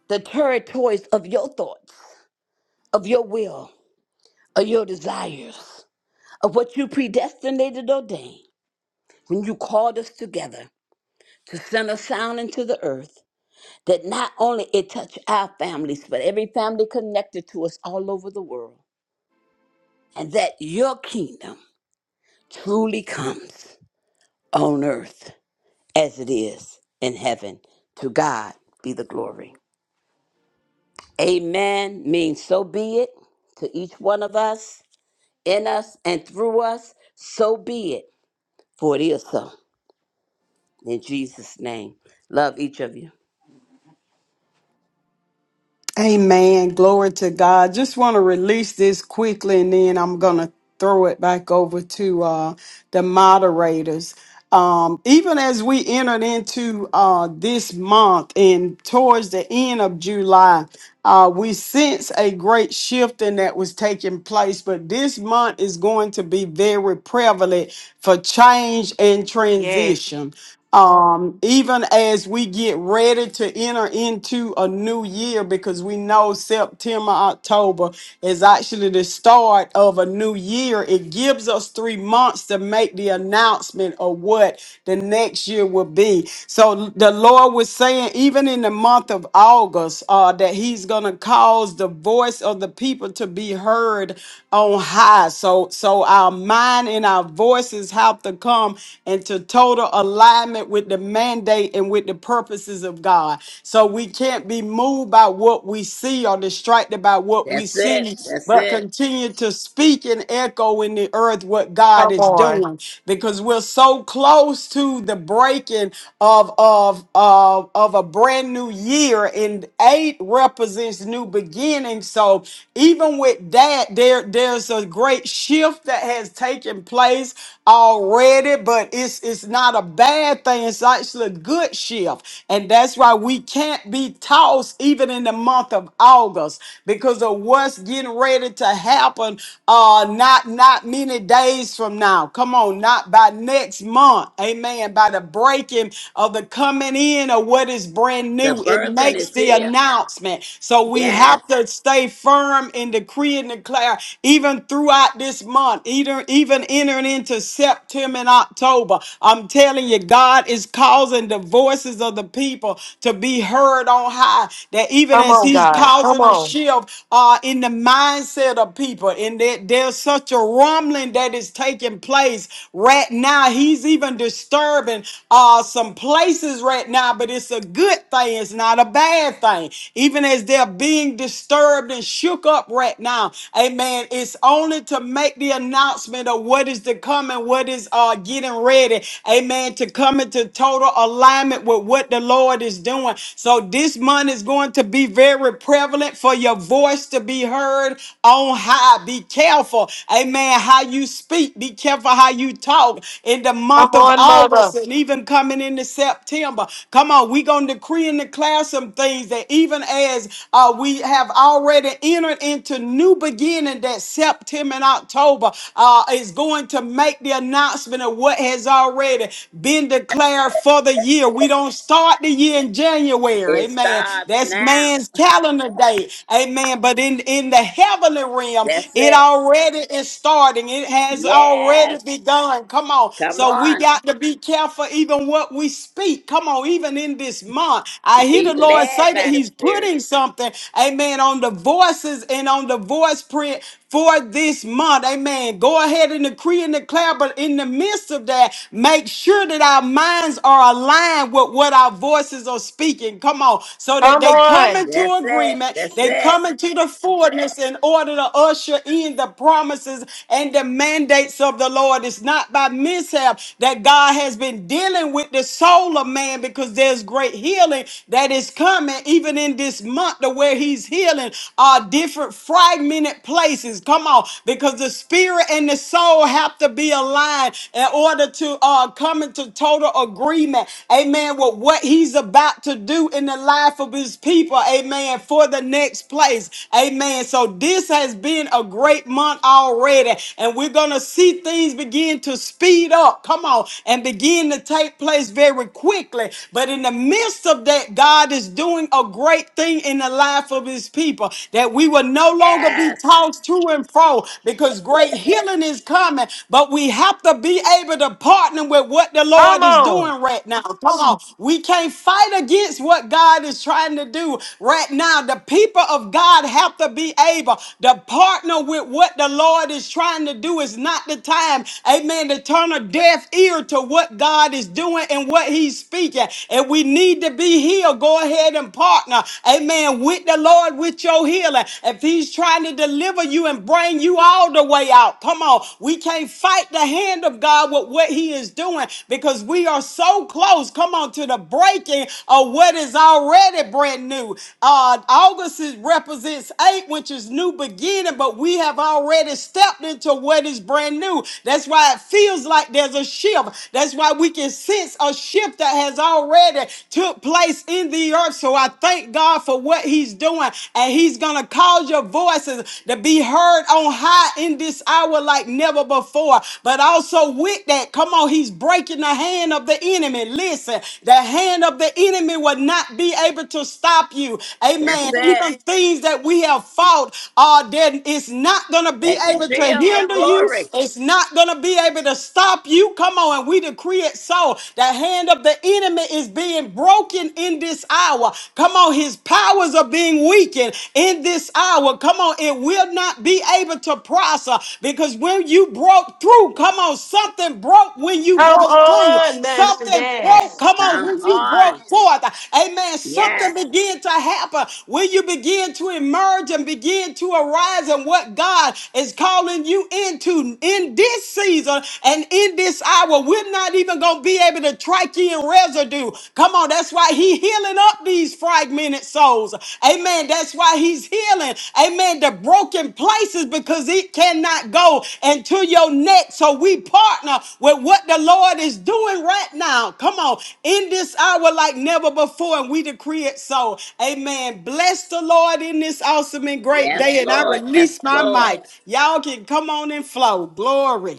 [SPEAKER 4] the territories of your thoughts, of your will of your desires, of what you predestinated or ordained when you called us together to send a sound into the earth that not only it touch our families, but every family connected to us all over the world, and that your kingdom truly comes on earth as it is in heaven. To God be the glory. Amen means so be it to each one of us, in us, and through us. So be it, for it is so. In Jesus' name. Love each of you.
[SPEAKER 1] Amen. Glory to God. Just want to release this quickly and then I'm going to throw it back over to uh, the moderators. Um, even as we entered into uh, this month and towards the end of July, uh, we sense a great shifting that was taking place, but this month is going to be very prevalent for change and
[SPEAKER 3] Yes.
[SPEAKER 1] transition. Um, even as we get ready to enter into a new year, because we know September, October is actually the start of a new year, it gives us three months to make the announcement of what the next year will be. So the Lord was saying, even in the month of August, uh, uh, that he's going to cause the voice of the people to be heard on high. So, so our mind and our voices have to come into total alignment with the mandate and with the purposes of God. So we can't be moved by what we see or distracted by what we
[SPEAKER 4] That's it.
[SPEAKER 1] see,
[SPEAKER 4] That's
[SPEAKER 1] but
[SPEAKER 4] it.
[SPEAKER 1] continue to speak and echo in the earth what God
[SPEAKER 3] Come
[SPEAKER 1] is
[SPEAKER 3] on.
[SPEAKER 1] doing because we're so close to the breaking of of of, of a brand new year and eight represents new beginning. So even with that, there there's a great shift that has taken place already, but it's it's not a bad thing. It's actually a good shift, and that's why we can't be tossed even in the month of August because of what's getting ready to happen. Uh, not not many days from now. Come on, not by next month. Amen. By the breaking of the coming in of what is brand
[SPEAKER 4] The
[SPEAKER 1] new do, it
[SPEAKER 4] birthing
[SPEAKER 1] makes
[SPEAKER 4] is
[SPEAKER 1] the
[SPEAKER 4] here.
[SPEAKER 1] announcement. So we
[SPEAKER 4] Yes.
[SPEAKER 1] have to stay firm in decree and declare, even throughout this month, either, even entering into September and October. I'm telling you, God is causing the voices of the people to be heard on high. That even
[SPEAKER 3] Come
[SPEAKER 1] as
[SPEAKER 3] on,
[SPEAKER 1] He's
[SPEAKER 3] God. Come
[SPEAKER 1] causing a
[SPEAKER 3] on.
[SPEAKER 1] shift uh, in the mindset of people, and that there's such a rumbling that is taking place right now. He's even disturbing uh, some places right now, but it's a good good thing, it's not a bad thing. Even as they're being disturbed and shook up right now, amen, it's only to make the announcement of what is to come and what is uh, getting ready, amen, to come into total alignment with what the Lord is doing. So this month is going to be very prevalent for your voice to be heard on high. Be careful, amen, how you speak, be careful how you talk in the
[SPEAKER 3] Come
[SPEAKER 1] month of
[SPEAKER 3] on,
[SPEAKER 1] August
[SPEAKER 3] mother.
[SPEAKER 1] and even coming into September. Come on on, we're going to decree and declare some things that even as uh, we have already entered into new beginning that September and October uh, is going to make the announcement of what has already been declared for the year. We don't start the year in January.
[SPEAKER 4] It
[SPEAKER 1] Amen.
[SPEAKER 4] starts
[SPEAKER 1] That's
[SPEAKER 4] now.
[SPEAKER 1] man's calendar day. Amen. But in, in the heavenly realm,
[SPEAKER 4] That's
[SPEAKER 1] it
[SPEAKER 4] it.
[SPEAKER 1] already is starting. It has already
[SPEAKER 4] Yes.
[SPEAKER 1] begun. Come on.
[SPEAKER 4] Come
[SPEAKER 1] So we
[SPEAKER 4] on.
[SPEAKER 1] got to be careful even what we speak. Come Come on, even in this month, I hear the
[SPEAKER 4] Be
[SPEAKER 1] Lord
[SPEAKER 4] led
[SPEAKER 1] say that
[SPEAKER 4] by the
[SPEAKER 1] He's
[SPEAKER 4] Spirit.
[SPEAKER 1] putting something, amen, on the voices and on the voice print for this month. Amen. Go ahead and decree and declare, but in the midst of that, make sure that our minds are aligned with what our voices are speaking. Come on. So that
[SPEAKER 3] Come
[SPEAKER 1] they come
[SPEAKER 3] on.
[SPEAKER 1] into
[SPEAKER 4] That's it.
[SPEAKER 1] agreement,
[SPEAKER 4] That's
[SPEAKER 1] they
[SPEAKER 4] it.
[SPEAKER 1] come into the fullness in order to usher in the promises and the mandates of the Lord. It's not by mishap that God has been dealing with the soul soul of man because there's great healing that is coming even in this month to where he's healing our different fragmented places come on because the spirit and the soul have to be aligned in order to uh come into total agreement amen with what he's about to do in the life of his people amen for the next place amen so this has been a great month already and we're gonna see things begin to speed up come on and begin to take take place very quickly. But in the midst of that, God is doing a great thing in the life of his people that we will no longer be
[SPEAKER 4] Yes.
[SPEAKER 1] tossed to and fro because great healing is coming. But we have to be able to partner with what the
[SPEAKER 3] Come
[SPEAKER 1] Lord is
[SPEAKER 3] on.
[SPEAKER 1] doing right now. Come on. We can't fight against what God is trying to do right now. The people of God have to be able to partner with what the Lord is trying to do. It's not the time, amen, to turn a deaf ear to what God what God is doing and what He's speaking. And we need to be healed. Go ahead and partner, amen, with the Lord with your healing. If He's trying to deliver you and bring you all the way out, come on. We can't fight the hand of God with what He is doing because we are so close, come on, to the breaking of what is already brand new. Uh, August is, represents eight, which is new beginning, but we have already stepped into what is brand new. That's why it feels like there's a shift. 12. That's why we can sense a shift that has already took place in the earth. So I thank God for what he's doing. And he's going to cause your voices to be heard on high in this hour like never before. But also with that, come on, he's breaking the hand of the enemy. Listen, the hand of the enemy will not be able to stop you.
[SPEAKER 4] That's
[SPEAKER 1] Amen.
[SPEAKER 4] it.
[SPEAKER 1] Even things that we have fought are then it's not gonna be
[SPEAKER 4] That
[SPEAKER 1] able to
[SPEAKER 4] shield of
[SPEAKER 1] hinder you.
[SPEAKER 4] glory.
[SPEAKER 1] It's not gonna be able to stop you help you. Come on, and we decree it so. The hand of the enemy is being broken in this hour. Come on, his powers are being weakened in this hour. Come on, it will not be able to prosper because when you broke through, come on, something broke when you
[SPEAKER 3] Come
[SPEAKER 1] broke through.
[SPEAKER 3] on, Master
[SPEAKER 1] Something broke,
[SPEAKER 3] Gas.
[SPEAKER 1] come on,
[SPEAKER 4] Come
[SPEAKER 1] when you
[SPEAKER 4] on.
[SPEAKER 1] broke forth. Amen. Something
[SPEAKER 4] Yes.
[SPEAKER 1] began to happen when you begin to emerge and begin to arise in what God is calling you into in this season. And in this hour, we're not even going to be able to trachean residue. Come on, that's why he healing up these fragmented souls. Amen. That's why he's healing. Amen. The broken places because it cannot go into your neck. So we partner with what the Lord is doing right now. Come on. In this hour like never before. And we decree it so. Amen. Bless the Lord in this awesome and great
[SPEAKER 4] Yes,
[SPEAKER 1] day. And I
[SPEAKER 4] Lord. Yes,
[SPEAKER 1] release my
[SPEAKER 4] Lord.
[SPEAKER 1] mic. Y'all can come on and flow. Glory.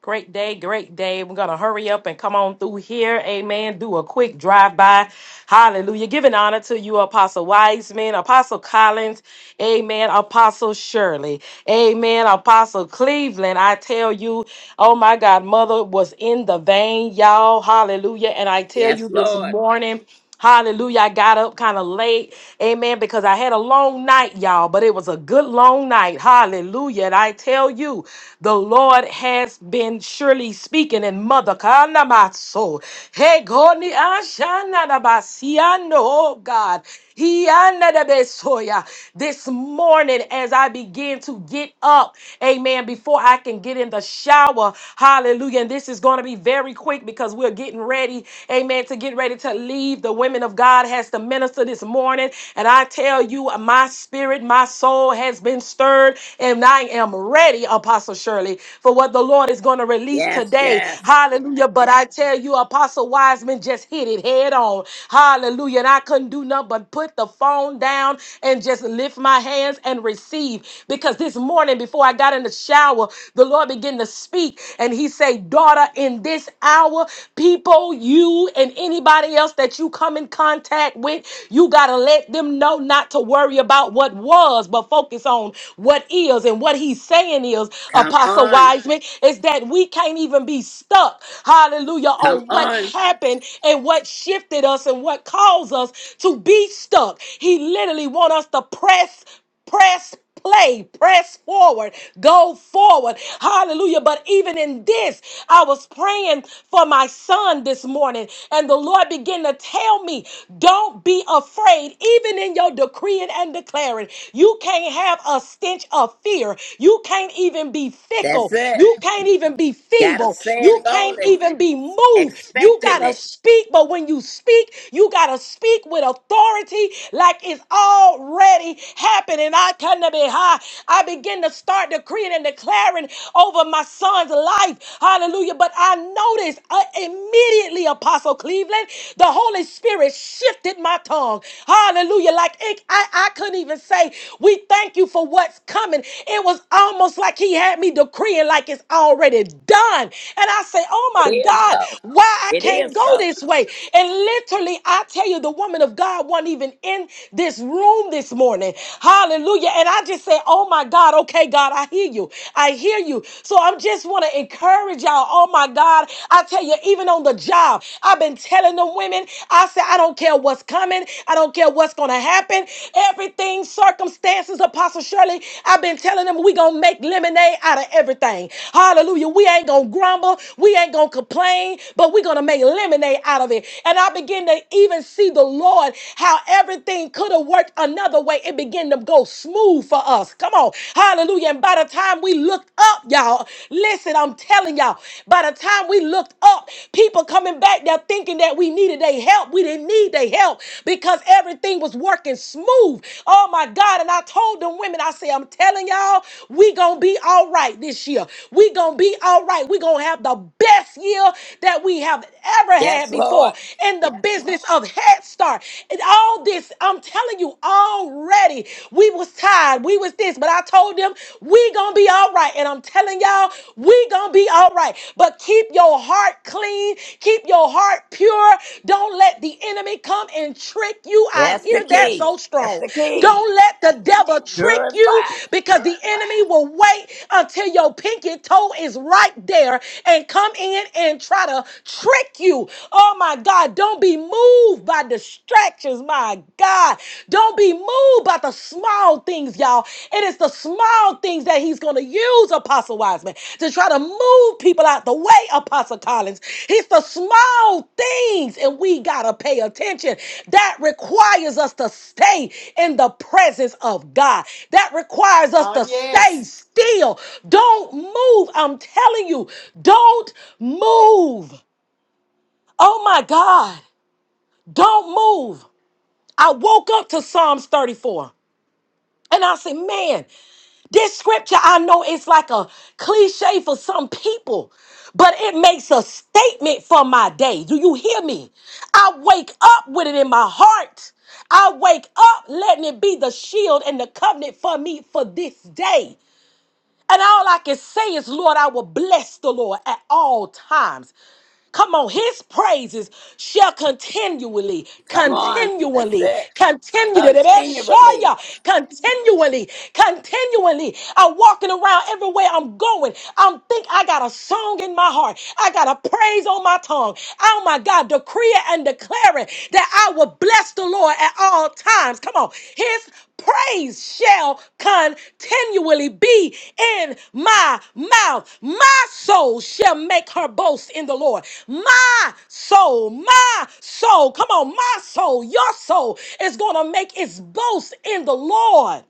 [SPEAKER 3] Great day, great day. We're going to hurry up and come on through here. Amen. Do a quick drive by. Hallelujah. Giving honor to you, Apostle Wiseman, Apostle Collins. Amen. Apostle Shirley. Amen. Apostle Cleveland. I tell you, oh my God, mother was in the vein, y'all. Hallelujah. And I tell you
[SPEAKER 4] Yes,
[SPEAKER 3] this
[SPEAKER 4] Lord.
[SPEAKER 3] morning. Hallelujah. I got up kind of late. Amen. Because I had a long night, y'all, but it was a good long night. Hallelujah. And I tell you, the Lord has been surely speaking And Mother Kanamaso. Hey, Goni Ashanadabasiano, oh God. Hianadabesoya. This morning, as I begin to get up, amen, before I can get in the shower, hallelujah. And this is going to be very quick because we're getting ready we, amen, to get ready to leave. The women of God has to minister this morning. And I tell you, my spirit, my soul has been stirred, and I am ready, Apostle Shirley, for what the Lord is going to release
[SPEAKER 4] Yes,
[SPEAKER 3] today.
[SPEAKER 4] yes.
[SPEAKER 3] Hallelujah. But I tell you, Apostle Wiseman just hit it head on. Hallelujah. And I couldn't do nothing but put the phone down and just lift my hands and receive. Because this morning, before I got in the shower, the Lord began to speak, and He said, Daughter, in in this hour, people, you and anybody else that you come in contact with, you got to let them know not to worry about what was, but focus on what is. And what he's saying is,
[SPEAKER 4] Come
[SPEAKER 3] Apostle
[SPEAKER 4] on.
[SPEAKER 3] Wiseman, is that we can't even be stuck, hallelujah,
[SPEAKER 4] Come
[SPEAKER 3] on what
[SPEAKER 4] on.
[SPEAKER 3] happened and what shifted us and what caused us to be stuck. He literally want us to press, press play, press forward, go forward. Hallelujah. But even in this, I was praying for my son this morning, and the Lord began to tell me, don't be afraid, even in your decreeing and declaring. You can't have a stench of fear. You can't even be
[SPEAKER 4] That's
[SPEAKER 3] fickle.
[SPEAKER 4] it.
[SPEAKER 3] You can't even be
[SPEAKER 4] Gotta
[SPEAKER 3] feeble.
[SPEAKER 4] say
[SPEAKER 3] You
[SPEAKER 4] it
[SPEAKER 3] can't
[SPEAKER 4] boldly,
[SPEAKER 3] even be moved. You got
[SPEAKER 4] expecting
[SPEAKER 3] to
[SPEAKER 4] it.
[SPEAKER 3] speak, but when you speak, you got to speak with authority like it's already happening. I kind of be high. I begin to start decreeing and declaring over my son's life. Hallelujah. But I noticed uh, immediately, Apostle Cleveland, the Holy Spirit shifted my tongue. Hallelujah. Like it, I, I couldn't even say, We thank you for what's coming. It was almost like he had me decreeing like it's already done. And I say, Oh
[SPEAKER 4] It
[SPEAKER 3] my
[SPEAKER 4] is
[SPEAKER 3] God,
[SPEAKER 4] so.
[SPEAKER 3] why I
[SPEAKER 4] It
[SPEAKER 3] can't
[SPEAKER 4] is
[SPEAKER 3] go
[SPEAKER 4] so.
[SPEAKER 3] this way? And literally, I tell you, the woman of God wasn't even in this this room this morning. Hallelujah. And I just say, oh my God, okay, God, I hear you. I hear you. So i just want to encourage y'all. Oh my God, I tell you, even on the job, I've been telling the women, I said, I don't care what's coming. I don't care what's going to happen. Everything, circumstances, Apostle Shirley, I've been telling them we going to make lemonade out of everything. Hallelujah. We ain't going to grumble. We ain't going to complain, but we're going to make lemonade out of it. And I begin to even see the Lord how everything could have worked another way. It began to go smooth for us. Come on. Hallelujah. And by the time we looked up, y'all, listen, I'm telling y'all, by the time we looked up, people coming back there thinking that we needed their help. We didn't need their help because everything was working smooth. Oh my God. And I told them women, I say, I'm telling y'all, we gonna be all right this year. We gonna be all right. We gonna have the best year that we have ever
[SPEAKER 4] Yes,
[SPEAKER 3] had
[SPEAKER 4] Lord.
[SPEAKER 3] before in the business business of Head Start. And all this, I'm telling you, already we was tired. We was this, but I told them we gonna be all right. And I'm telling y'all, we gonna be all right. But keep your heart clean, keep your heart pure. Don't let the enemy come and trick you. I
[SPEAKER 4] That's the
[SPEAKER 3] hear that
[SPEAKER 4] key.
[SPEAKER 3] so
[SPEAKER 4] That's
[SPEAKER 3] strong.
[SPEAKER 4] the key.
[SPEAKER 3] Don't let the devil trick you
[SPEAKER 4] Purify.
[SPEAKER 3] because the enemy will wait until your pinky toe is right there and come in and try to trick you. Oh my God, don't be moved by distractions, my God. Don't be moved by the small things, y'all. It is the small things that he's going to use, Apostle Wiseman, to try to move people out the way, Apostle Collins. It's the small things, and we got to pay attention. That requires us to stay in the presence of God. That requires us
[SPEAKER 1] Oh,
[SPEAKER 3] to stay
[SPEAKER 1] yes.
[SPEAKER 3] still. Don't move. I'm telling you, don't move. Oh my God. Don't move. I woke up to Psalms 34 and I said, man, this scripture I know it's like a cliche for some people, but it makes a statement for my day. Do you hear me? I wake up with it in my heart. I wake up letting it be the shield and the covenant for me for this day. And all I can say is, Lord, I will bless the Lord at all times. Come on, his praises shall continually,
[SPEAKER 4] Come on. That's
[SPEAKER 3] continually,
[SPEAKER 4] it.
[SPEAKER 3] continually,
[SPEAKER 4] Continually.
[SPEAKER 3] show continually, continually. I'm walking around everywhere I'm going. I'm think I got a song in my heart. I got a praise on my tongue. Oh my God, decreeing and declaring that I will Bless the Lord at all times. Come on. His praise shall continually be in my mouth. My soul shall make her boast in the Lord. My soul, my soul, come on, my soul, your soul is going to make its boast in the Lord.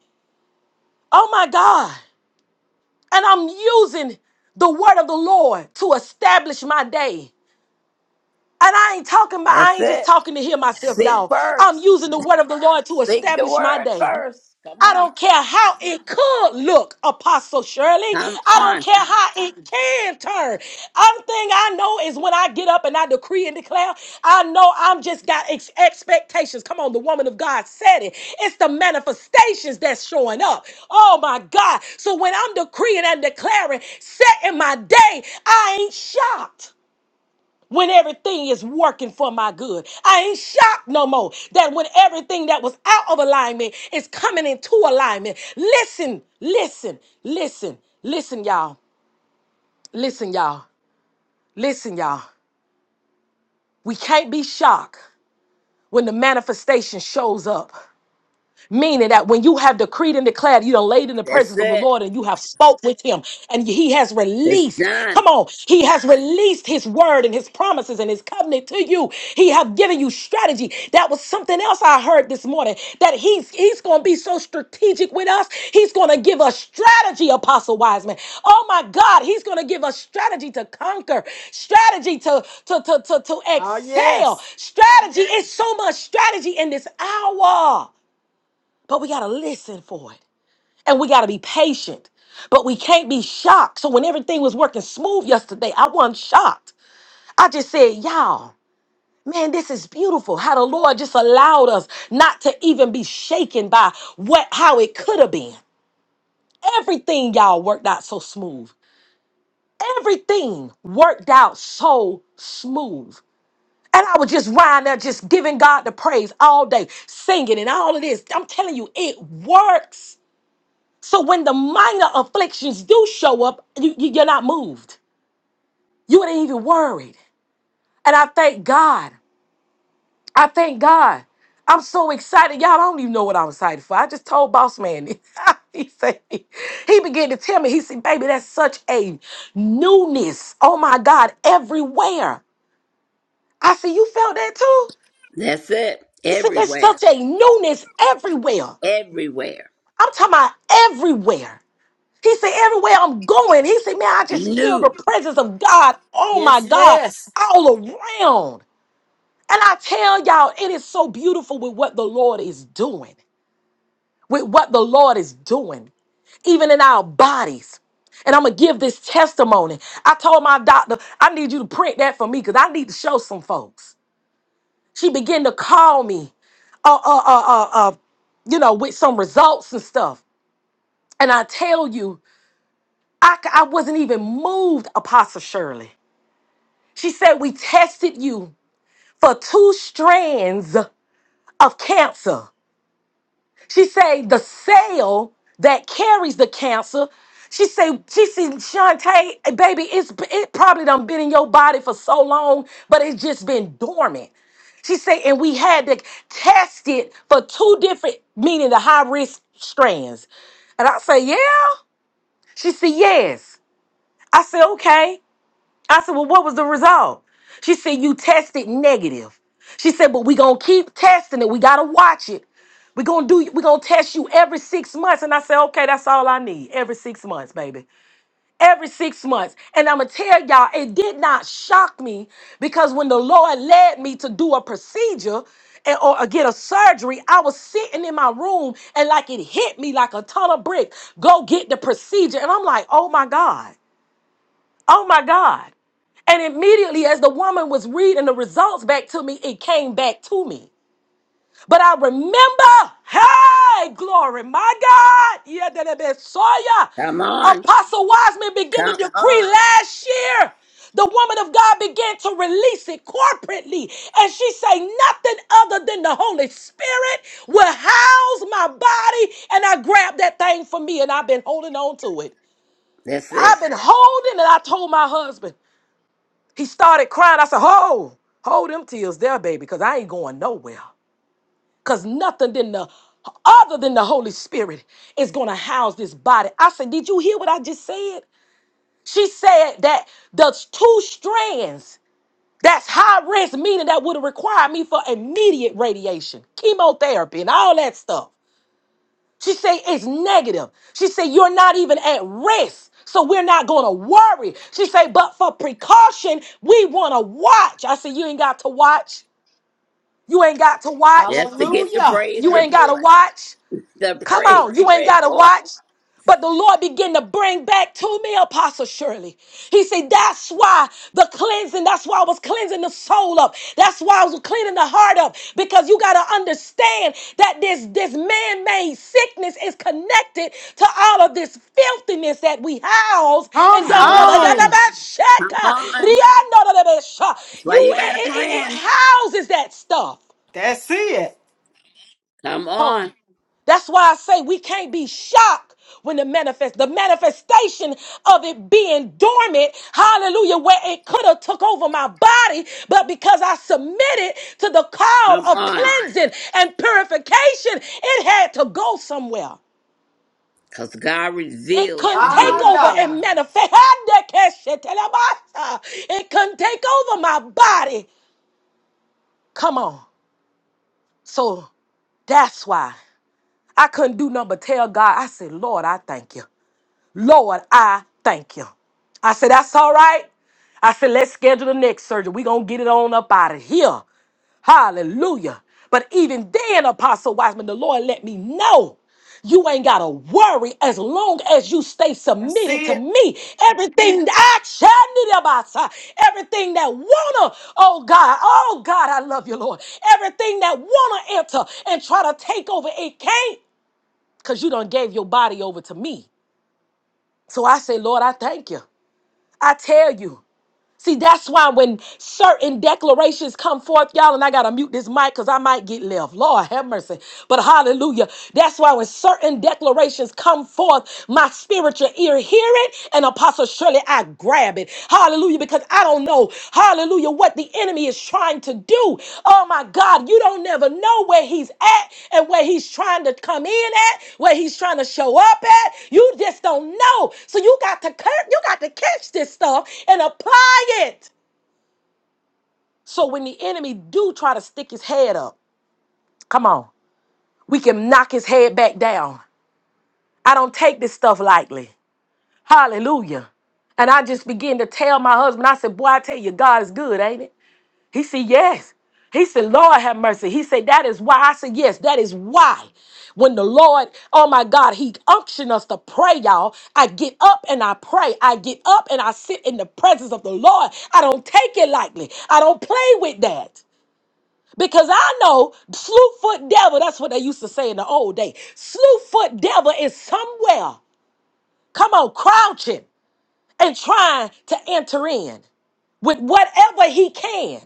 [SPEAKER 3] Oh my God. And I'm using the word of the Lord to establish my day. And I ain't talking about, I
[SPEAKER 4] That's
[SPEAKER 3] ain't just
[SPEAKER 4] it.
[SPEAKER 3] talking to hear myself,
[SPEAKER 4] Seek
[SPEAKER 3] y'all. I'm
[SPEAKER 4] first.
[SPEAKER 3] using the word of the Lord to
[SPEAKER 4] Seek the
[SPEAKER 3] establish my
[SPEAKER 4] word
[SPEAKER 3] day.
[SPEAKER 4] first. Come
[SPEAKER 3] I
[SPEAKER 4] on.
[SPEAKER 3] don't care how it could look, Apostle Shirley.
[SPEAKER 4] Come
[SPEAKER 3] I don't
[SPEAKER 4] on.
[SPEAKER 3] care how it can turn. One thing I know is when I get up and I decree and declare, I know I'm just got ex- expectations. Come on, the woman of God said it. It's the manifestations that's showing up. Oh my God. So when I'm decreeing and declaring, setting my day, I ain't shocked when everything is working for my good. I ain't shocked no more that when everything that was out of alignment is coming into alignment. Listen, listen, listen, listen, y'all. Listen, y'all. Listen, y'all. We can't be shocked when the manifestation shows up. Meaning that when you have decreed and declared, you are laid in the
[SPEAKER 4] That's
[SPEAKER 3] presence of the
[SPEAKER 4] it.
[SPEAKER 3] Lord and you have spoke with him and he has
[SPEAKER 4] It's
[SPEAKER 3] released. Come
[SPEAKER 4] done.
[SPEAKER 3] on. He has released his word and his promises and his covenant to you. He have given you strategy. That was something else I heard this morning that he's, he's going to be so strategic with us. He's going to give us strategy, Apostle Wiseman. Oh my God. He's going to give us strategy to conquer, strategy to, to, to, to, to
[SPEAKER 1] Oh,
[SPEAKER 3] excel,
[SPEAKER 1] yes.
[SPEAKER 3] strategy. It's so much strategy in this hour but we got to listen for it and we got to be patient but we can't be shocked so when everything was working smooth yesterday i wasn't shocked i just said y'all man this is beautiful how the lord just allowed us not to even be shaken by what how it could have been everything y'all worked out so smooth everything worked out so smooth and I was just lying there, just giving God the praise all day, singing and all of this. I'm telling you, it works. So when the minor afflictions do show up, you, you- you're not moved. You ain't even worried. And I thank God. I thank God. I'm so excited. Y'all don't even know what I'm excited for. I just told Boss Man. this. he said he began to tell me. He said, "Baby, that's such a newness. Oh my God, everywhere." I said, "You felt that too?"
[SPEAKER 4] That's it.
[SPEAKER 3] He said, "There's
[SPEAKER 4] Everywhere.
[SPEAKER 3] such a newness everywhere.
[SPEAKER 4] Everywhere.
[SPEAKER 3] I'm talking about everywhere." He said, everywhere I'm going, he said, man, I just feel the
[SPEAKER 4] New.
[SPEAKER 3] presence of God. Oh my
[SPEAKER 1] Yes,
[SPEAKER 3] God,
[SPEAKER 1] yes.
[SPEAKER 3] all around. And I tell y'all, it is so beautiful with what the Lord is doing, with what the Lord is doing, even in our bodies. And I'm gonna give this testimony. I told my doctor, I need you to print that for me because I need to show some folks. She began to call me, uh, uh, uh, uh, uh, you know, with some results and stuff. And I tell you, I, c- I wasn't even moved, Apostle Shirley. She said, We tested you for two strands of cancer. She said, The cell that carries the cancer. She said, she said, Shantae, baby, it's it probably done been in your body for so long, but it's just been dormant. She said, and we had to test it for two different, meaning the high risk strands. And I say, yeah. She said, yes. I said, okay. I said, well, what was the result? She said, you tested negative. She said, but we gonna keep testing it. We gotta watch it. we gonna do we gonna test you every six months. And I said, okay, that's all I need. Every six months, baby. Every six months. And I'ma tell y'all, it did not shock me because when the Lord led me to do a procedure and, or, or get a surgery, I was sitting in my room and like it hit me like a ton of bricks. Go get the procedure. And I'm like, oh my God. Oh my God. And immediately, as the woman was reading the results back to me, it came back to me. But I remember, hey, glory, my God, yeah, that it been Sawyer.
[SPEAKER 4] Come on.
[SPEAKER 3] Apostle Wiseman began
[SPEAKER 4] Come
[SPEAKER 3] to decree
[SPEAKER 4] on.
[SPEAKER 3] last year. The woman of God began to release it corporately. And she say, nothing other than the Holy Spirit will house my body. And I grabbed that thing for me and I've been holding on to it.
[SPEAKER 4] That's
[SPEAKER 3] I've
[SPEAKER 4] it.
[SPEAKER 3] been holding it. I told my husband. He started crying. I said, Ho, hold them tears there, baby, because I ain't going nowhere. Because nothing than the other than the Holy Spirit is gonna house this body. I said, Did you hear what I just said? She said that the two strands, that's high risk, meaning that would have required me for immediate radiation, chemotherapy, and all that stuff. She say it's negative. She say you're not even at risk, So we're not going to worry. She say but for precaution, we want to watch. I said you ain't got to watch. You ain't got to watch.
[SPEAKER 4] Just to get the
[SPEAKER 1] Hallelujah.
[SPEAKER 4] praise
[SPEAKER 3] You ain't got to
[SPEAKER 4] report.
[SPEAKER 3] watch.
[SPEAKER 4] The
[SPEAKER 3] Come on,
[SPEAKER 4] praise
[SPEAKER 3] you ain't got to
[SPEAKER 4] report.
[SPEAKER 3] watch. But the Lord began to bring back to me, Apostle Shirley. He said, That's why the cleansing, that's why I was cleansing the soul up. That's why I was cleaning the heart up. Because you got to understand that this, this man made sickness is connected to all of this filthiness that we house
[SPEAKER 1] Come
[SPEAKER 3] and
[SPEAKER 4] Come
[SPEAKER 3] don't want
[SPEAKER 4] on.
[SPEAKER 1] on.
[SPEAKER 4] Come on. That's why
[SPEAKER 3] You,
[SPEAKER 4] you got
[SPEAKER 3] it,
[SPEAKER 4] to
[SPEAKER 3] it it- it
[SPEAKER 4] cleanse.
[SPEAKER 3] houses that stuff.
[SPEAKER 1] That's it.
[SPEAKER 4] Come
[SPEAKER 3] Oh,
[SPEAKER 4] on.
[SPEAKER 3] that's why I say we can't be shocked when the manifest, the manifestation of it being dormant, hallelujah, where it could have took over my body, but because I submitted to the
[SPEAKER 4] Come
[SPEAKER 3] call of
[SPEAKER 4] on.
[SPEAKER 3] cleansing and purification, it had to go somewhere.
[SPEAKER 4] Because God
[SPEAKER 3] It
[SPEAKER 4] reveals
[SPEAKER 3] couldn't
[SPEAKER 4] the
[SPEAKER 3] take
[SPEAKER 1] My
[SPEAKER 4] heel.
[SPEAKER 3] over and
[SPEAKER 1] God.
[SPEAKER 3] manifest. It couldn't take over my body. Come on. So that's why I couldn't do nothing but tell God. I said, Lord, I thank you. Lord, I thank you. I said, that's all right. I said, let's schedule the next surgery. We're going to get it on up out of here. Hallelujah. But even then, Apostle Wiseman, the Lord let me know you ain't got to worry as long as you stay
[SPEAKER 1] That's
[SPEAKER 3] submitted to
[SPEAKER 1] it.
[SPEAKER 3] me. Everything that I shall need about everything that wanna, oh God, oh God, I love you, Lord. Everything that wanna enter and try to take over, it can't because you done gave your body over to me. So I say, Lord, I thank you. I tell you. See, that's why when certain declarations come forth, y'all, and I gotta mute this mic because I might get left. Lord have mercy. But hallelujah. That's why when certain declarations come forth, my spiritual ear hear it, and Apostle Shirley, I grab it. Hallelujah. Because I don't don't know, hallelujah, what the enemy is trying to do. Oh my God, you don't never know where he's at and where he's trying to come in at, where he's trying to show up at. You just don't know. So you got to cur- you got to catch this stuff and apply it. So when the enemy do try to stick his head up, come on, we can knock his head back down. I don't take this stuff lightly. Hallelujah. And I just began to tell my husband, I said, Boy, I tell you, God is good, ain't it? He said, Yes. He said, Lord have mercy. He said, That is why. I said, Yes, that is why. When the Lord, oh my God, He unctioned us to pray, y'all. I get up and I pray. I get up and I sit in the presence of the Lord. I don't take it lightly. I don't play with that. Because I know slew foot devil, that's what they used to say in the old day. Slew foot devil is somewhere, come on, crouching and trying to enter in with whatever he can.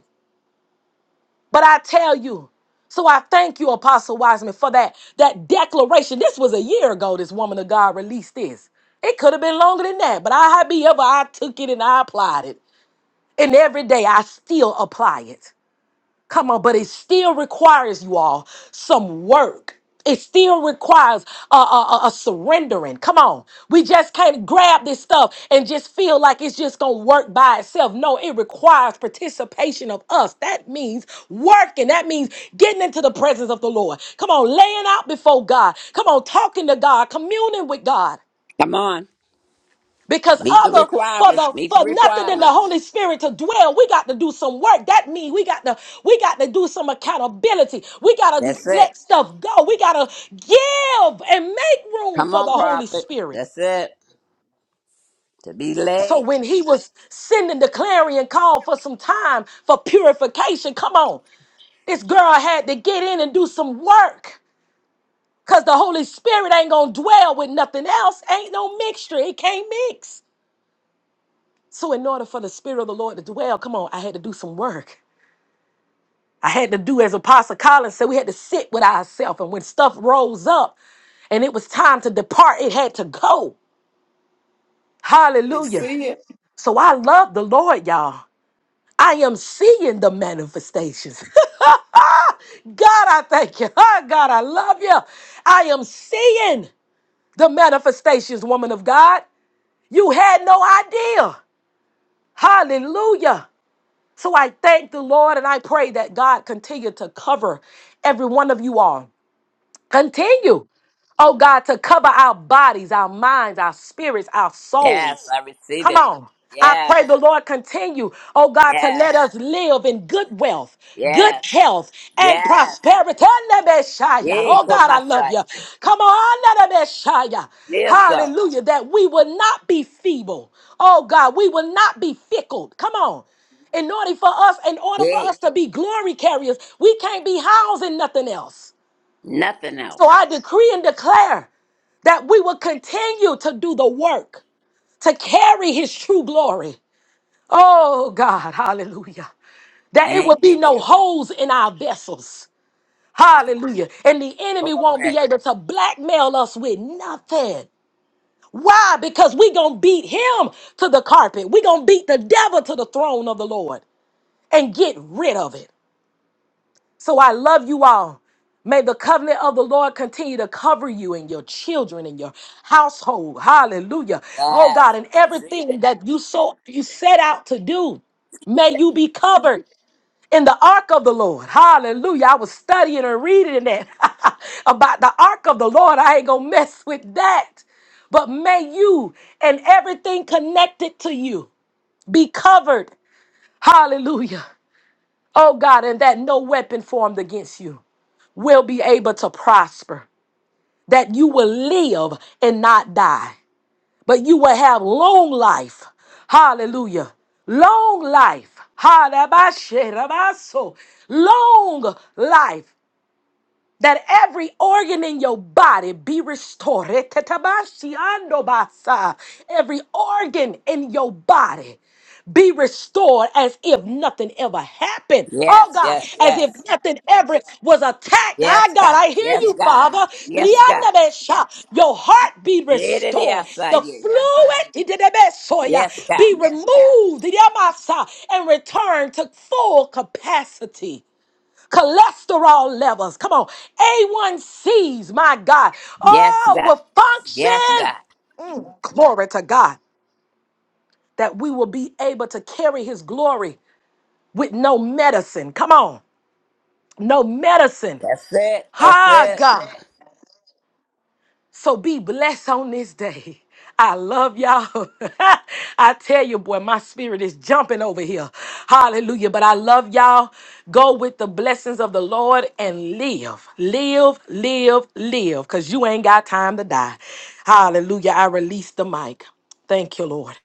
[SPEAKER 3] But I tell you, so I thank you, Apostle Wiseman, for that that declaration. This was a year ago. This woman of God released this. It could have been longer than that, but I however I took it and I applied it, and every day I still apply it. Come on, but it still requires you all some work. It still requires a, a, a- a surrendering. Come on. We just can't grab this stuff and just feel like it's just going to work by itself. No, it requires participation of us. That means working. That means getting into the presence of the Lord. Come on, laying out before God. Come on, talking to God, communing with God.
[SPEAKER 4] Come on.
[SPEAKER 3] Because
[SPEAKER 4] Meet the
[SPEAKER 3] other for
[SPEAKER 4] requirements.
[SPEAKER 3] the
[SPEAKER 4] Meet the
[SPEAKER 3] for nothing in the Holy
[SPEAKER 4] requirements.
[SPEAKER 3] Spirit to dwell, we got to do some work. That means we got to we got to do some accountability. We gotta
[SPEAKER 4] That's it.
[SPEAKER 3] let stuff go. We gotta give and make room
[SPEAKER 4] Come
[SPEAKER 3] for the
[SPEAKER 4] on,
[SPEAKER 3] Holy
[SPEAKER 4] prophet.
[SPEAKER 3] Spirit.
[SPEAKER 4] That's it. To be
[SPEAKER 3] So
[SPEAKER 4] led.
[SPEAKER 3] when he was sending the clarion call for some time for purification, come on, this girl had to get in and do some work. Cause the Holy Spirit ain't gonna dwell with nothing else. Ain't no mixture. It can't mix. So, in order for the Spirit of the Lord to dwell, come on, I had to do some work. I had to do, as Apostle Collins said, we had to sit with ourselves. And when stuff rose up and it was time to depart, it had to go.
[SPEAKER 1] That's
[SPEAKER 3] Hallelujah.
[SPEAKER 1] it.
[SPEAKER 3] So, I love the Lord, y'all. I am seeing the manifestations. God, I thank you. Oh, God, I love you. I am seeing the manifestations, woman of God. You had no idea. Hallelujah. So I thank the Lord and I pray that God continue to cover every one of you all Continue, oh God, to cover our bodies, our minds, our spirits, our
[SPEAKER 4] Yes,
[SPEAKER 3] souls.
[SPEAKER 4] I receive
[SPEAKER 3] Come
[SPEAKER 4] it.
[SPEAKER 3] on. I
[SPEAKER 4] Yes,
[SPEAKER 3] pray the Lord continue, oh God, to
[SPEAKER 4] yes,
[SPEAKER 3] let us live in good wealth, good
[SPEAKER 4] yes,
[SPEAKER 3] health, and
[SPEAKER 4] yes.
[SPEAKER 3] prosperity.
[SPEAKER 4] Yay,
[SPEAKER 3] Oh
[SPEAKER 4] call
[SPEAKER 3] God, I
[SPEAKER 4] my
[SPEAKER 3] love
[SPEAKER 4] side.
[SPEAKER 3] you. Come on.
[SPEAKER 4] Yes, so.
[SPEAKER 3] Hallelujah. That we will not be feeble. Oh God, we will not be fickle. Come on. In order for us, in order for
[SPEAKER 4] Yay.
[SPEAKER 3] us to be glory carriers, we can't be housed in nothing else.
[SPEAKER 4] Nothing
[SPEAKER 3] So
[SPEAKER 4] else.
[SPEAKER 3] I decree and declare that we will continue to do the work to carry his true glory. Oh God, hallelujah. That it
[SPEAKER 4] Thank
[SPEAKER 3] will be
[SPEAKER 4] you, Lord.
[SPEAKER 3] no holes in our vessels. Hallelujah. And the enemy won't be
[SPEAKER 4] Glory.
[SPEAKER 3] able to blackmail us with nothing. Why? Because we going to beat him to the carpet. we going to beat the devil to the throne of the Lord and get rid of it. So I love you all. May the covenant of the Lord continue to cover you and your children and your household. Hallelujah. Oh
[SPEAKER 4] Yes,
[SPEAKER 3] God, and
[SPEAKER 4] I receive
[SPEAKER 3] everything
[SPEAKER 4] it.
[SPEAKER 3] that you so you set out to do, may you be covered in the ark of the Lord. Hallelujah. I was studying and reading that about the ark of the Lord. I ain't gonna mess with that. But may you and everything connected to you be covered. Hallelujah. Oh God, and that no weapon formed against you will be able to prosper, that you will live and not die, but you will have long life. Hallelujah. Long life. Halabashirabaso. Long life that every organ in your body be restored. Etetabashiandobasa. Every organ in your body be restored as if nothing ever happened. Oh
[SPEAKER 4] Yes,
[SPEAKER 3] God,
[SPEAKER 4] yes,
[SPEAKER 3] as if
[SPEAKER 4] yes.
[SPEAKER 3] nothing ever was attacked.
[SPEAKER 4] Yes,
[SPEAKER 3] I God,
[SPEAKER 4] God.
[SPEAKER 3] I hear
[SPEAKER 4] Yes,
[SPEAKER 3] you,
[SPEAKER 4] God.
[SPEAKER 3] Father.
[SPEAKER 4] Yes, God.
[SPEAKER 3] Riandabesha. Your heart be
[SPEAKER 4] Did it,
[SPEAKER 3] restored.
[SPEAKER 4] yes, I
[SPEAKER 3] The
[SPEAKER 4] you.
[SPEAKER 3] fluid itidebesoya,
[SPEAKER 4] Yes, God.
[SPEAKER 3] be removed Idiamasa, and returned to full capacity cholesterol levels. Come on. A1Cs, my God.
[SPEAKER 4] Yes,
[SPEAKER 3] Oh,
[SPEAKER 4] God.
[SPEAKER 3] will
[SPEAKER 4] Yes,
[SPEAKER 3] function.
[SPEAKER 4] God.
[SPEAKER 3] Glory to God that we will be able to carry his glory with no medicine. Come on. No medicine.
[SPEAKER 4] That's it. That's
[SPEAKER 3] Ha,
[SPEAKER 4] it.
[SPEAKER 3] God. So be blessed on this day. I love y'all. I tell you, boy, my spirit is jumping over here. Hallelujah. But I love y'all. Go with the blessings of the Lord and live. Live, live, live. Because you ain't got time to die. Hallelujah. I release the mic. Thank you, Lord.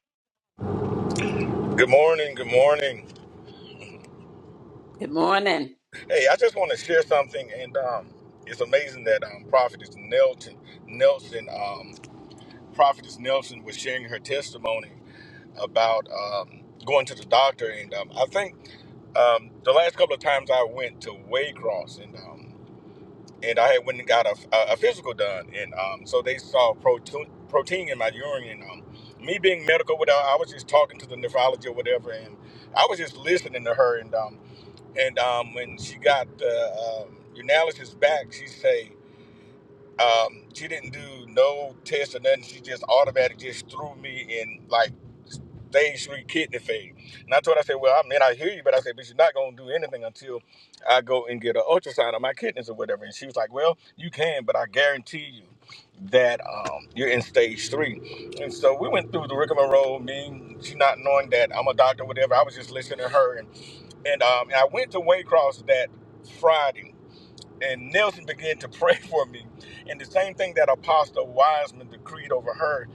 [SPEAKER 5] Good morning. Good morning.
[SPEAKER 4] Good morning.
[SPEAKER 5] Hey, I just want to share something, and um, it's amazing that um, Prophetess Nelson, Nelson, um, Prophetess Nelson was sharing her testimony about um, going to the doctor, and um, I think um, the last couple of times I went to Waycross, and um, and I had went and got a, a, physical done, and um, so they saw protein protein in my urine, and um, me being medical, without I was just talking to the nephrology or whatever, and I was just listening to her, and um, And um, when she got the um, urinalysis back, she say um, she didn't do no test or nothing. She just automatically just threw me in like stage three kidney failure. And I told her, I said, well, I mean, I hear you, but I said, but you're not going to do anything until I go and get an ultrasound of my kidneys or whatever. And she was like, well, you can, but I guarantee you that um, you're in stage three. And so we went through the rigmarole, me, she not knowing that I'm a doctor, whatever. I was just listening to her and and um, and I went to Waycross that Friday, and Nelson began to pray for me, and the same thing that Apostle Wiseman decreed over her,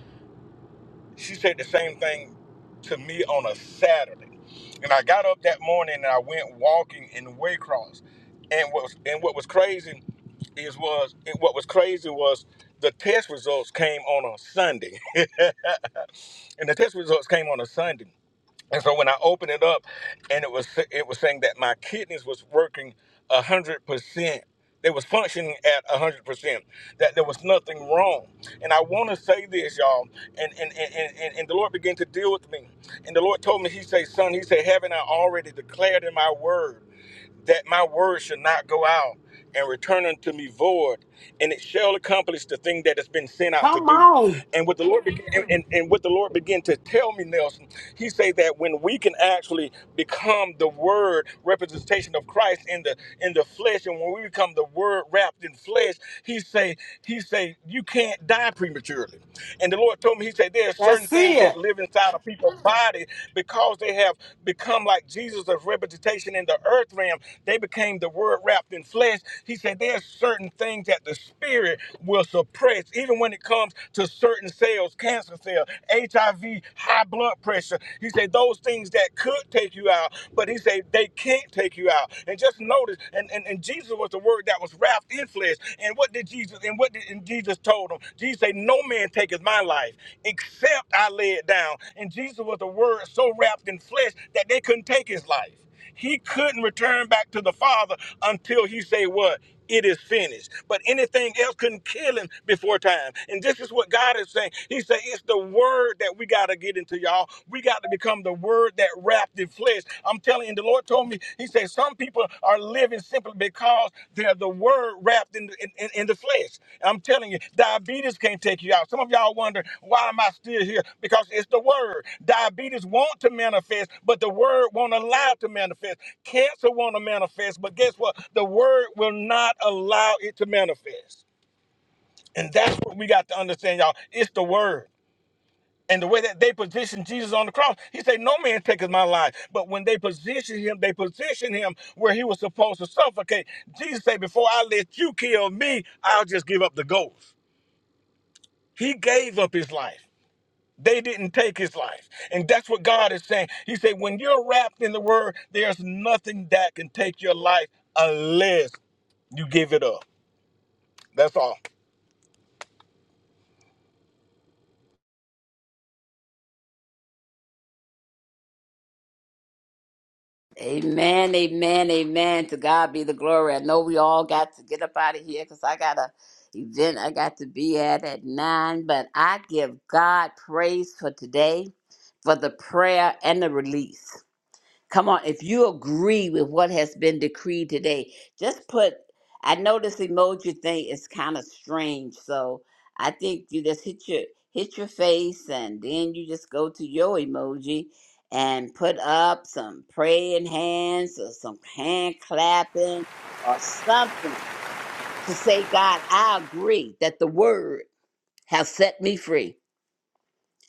[SPEAKER 5] she said the same thing to me on a Saturday, and I got up that morning and I went walking in Waycross, and what was, and what was crazy is was and what was crazy was the test results came on a Sunday, and the test results came on a Sunday. And so when I opened it up, and it was it was saying that my kidneys was working a hundred percent. They was functioning at a hundred percent. That there was nothing wrong. And I want to say this, y'all. And and, and and and the Lord began to deal with me. And the Lord told me, He said, "Son, He said, haven't I already declared in my word?" that my word should not go out and return unto me void, and it shall accomplish the thing that it's been sent out to
[SPEAKER 1] Come
[SPEAKER 5] do.
[SPEAKER 1] on.
[SPEAKER 5] And what the Lord began, and, and, and what the Lord began to tell me, Nelson, he said that when we can actually become the word representation of Christ in the in the flesh, and when we become the word wrapped in flesh, he say, he say, you can't die prematurely. And the Lord told me, he said, there are
[SPEAKER 1] That's
[SPEAKER 5] certain things that
[SPEAKER 1] it.
[SPEAKER 5] live inside of people people's body because they have become like Jesus of representation in the earth realm. They became the word wrapped in flesh. He said there's certain things that the spirit will suppress, even when it comes to certain cells, cancer cells, HIV, high blood pressure. He said those things that could take you out, but he said they can't take you out. And just notice, and, and, and Jesus was the word that was wrapped in flesh flesh. And what did Jesus and what did and Jesus told them? Jesus said, No man taketh my life except I lay it down. And Jesus was the word so wrapped in flesh that they couldn't take his life. He couldn't return back to the Father until he say what? It is finished. But anything else couldn't kill him before time. And this is what God is saying. He said, It's the word that we got to get into, y'all. We got to become the the word that wrapped in flesh. I'm telling you, and the Lord told me, He said, some people are living simply because they're the word wrapped in, in, in in the flesh. I'm telling you, diabetes can't take you out. Some of y'all wonder, why am I still here? Because it's the word. Diabetes want to manifest, but the word won't allow it to manifest. Cancer want to manifest, but guess what? The word will not allow it to manifest. And that's what we got to understand, y'all. It's the word. And the way that they positioned Jesus on the cross, he said, No man taketh my life. But when they positioned him, they positioned him where he was supposed to suffocate. Jesus said, Before I let you kill me, I'll just give up the ghost. He gave up his life. They didn't take his life. And that's what God is saying. He said, When you're wrapped in the word, there's nothing that can take your life unless you give it up. That's all.
[SPEAKER 4] Amen, amen, amen. To God be the glory. I know we all got to get up out of here because I got a event I got to be at at nine, but I give God praise for today, for the prayer and the release. Come on, if you agree with what has been decreed today, just put. I know this emoji thing is kind of strange, so I think you just hit your hit your face, and then you just go to your emoji and put up some praying hands or some hand clapping or something to say, God, I agree that the word has set me free.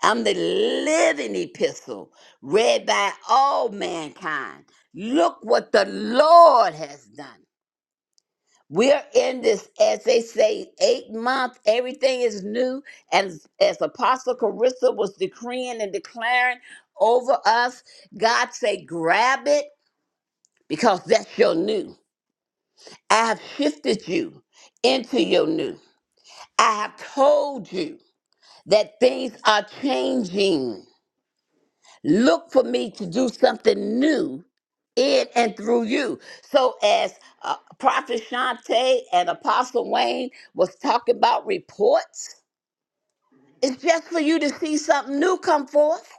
[SPEAKER 4] I'm the living epistle read by all mankind. Look what the Lord has done. We're in this, as they say, eight month. Everything is new. As, as Apostle Carissa was decreeing and declaring over us, God say, grab it because that's your new. I have shifted you into your new. I have told you that things are changing. Look for me to do something new in and through you. So as uh, Prophet Shante and Apostle Wayne was talking about reports, it's just for you to see something new come forth.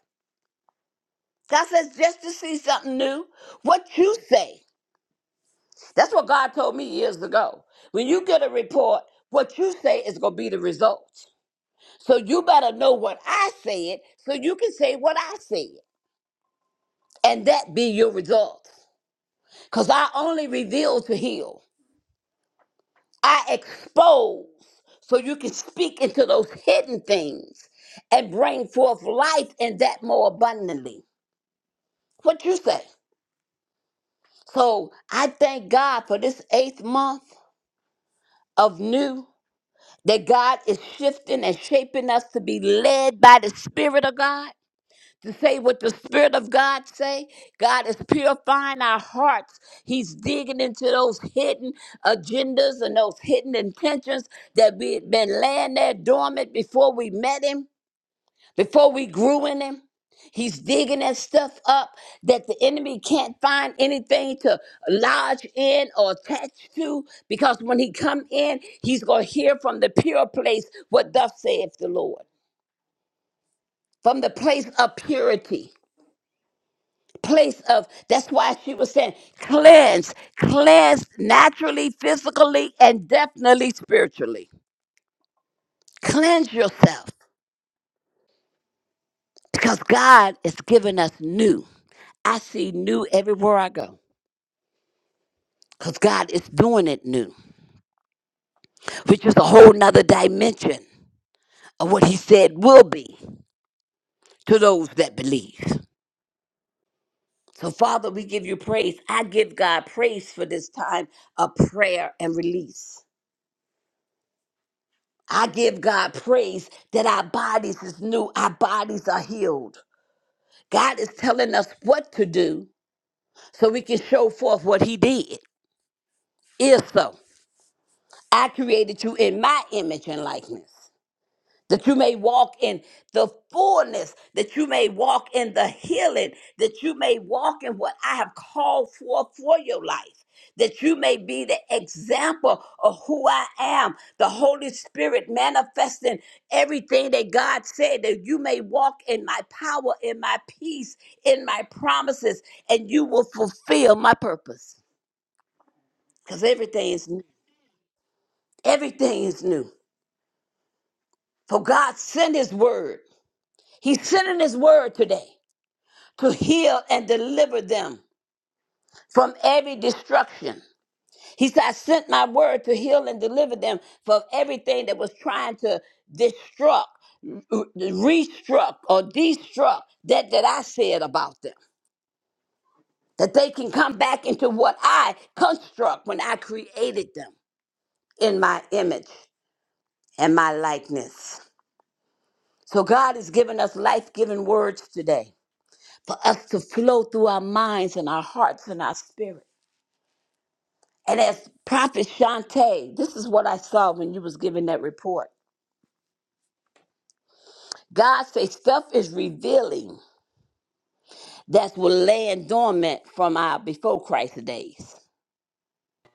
[SPEAKER 4] God says just to see something new. What you say, that's what God told me years ago. When you get a report, what you say is going to be the result. So you better know what I said so you can say what I said and that be your result. Because I only reveal to heal. I expose so you can speak into those hidden things and bring forth life and that more abundantly. What you say? So I thank God for this eighth month of new that God is shifting and shaping us to be led by the Spirit of God to say what the spirit of god say god is purifying our hearts he's digging into those hidden agendas and those hidden intentions that we had been laying there dormant before we met him before we grew in him he's digging that stuff up that the enemy can't find anything to lodge in or attach to because when he come in he's going to hear from the pure place what thus saith the lord from the place of purity place of that's why she was saying cleanse cleanse naturally physically and definitely spiritually cleanse yourself because god is giving us new i see new everywhere i go because god is doing it new which is a whole nother dimension of what he said will be to those that believe so father we give you praise i give god praise for this time of prayer and release I give God praise that our bodies is new, our bodies are healed. God is telling us what to do so we can show forth what He did. If so, I created you in my image and likeness. that you may walk in the fullness, that you may walk in the healing, that you may walk in what I have called for for your life, that you may be the example of who I am, the Holy Spirit manifesting everything that God said, that you may walk in my power, in my peace, in my promises, and you will fulfill my purpose. Because everything is new. Everything is new. For God sent his word. He's sending his word today. to heal and deliver them from every destruction. He said, I sent my word to heal and deliver them from everything that was trying to destruct, restruct, or destruct that, that I said about them. That they can come back into what I construct when I created them in my image and my likeness. So God has given us life giving words today for us to flow through our minds and our hearts and our spirit And as Prophet Shantae, this is what I saw when you was giving that report. God say stuff is revealing that will laying dormant from our before Christ days.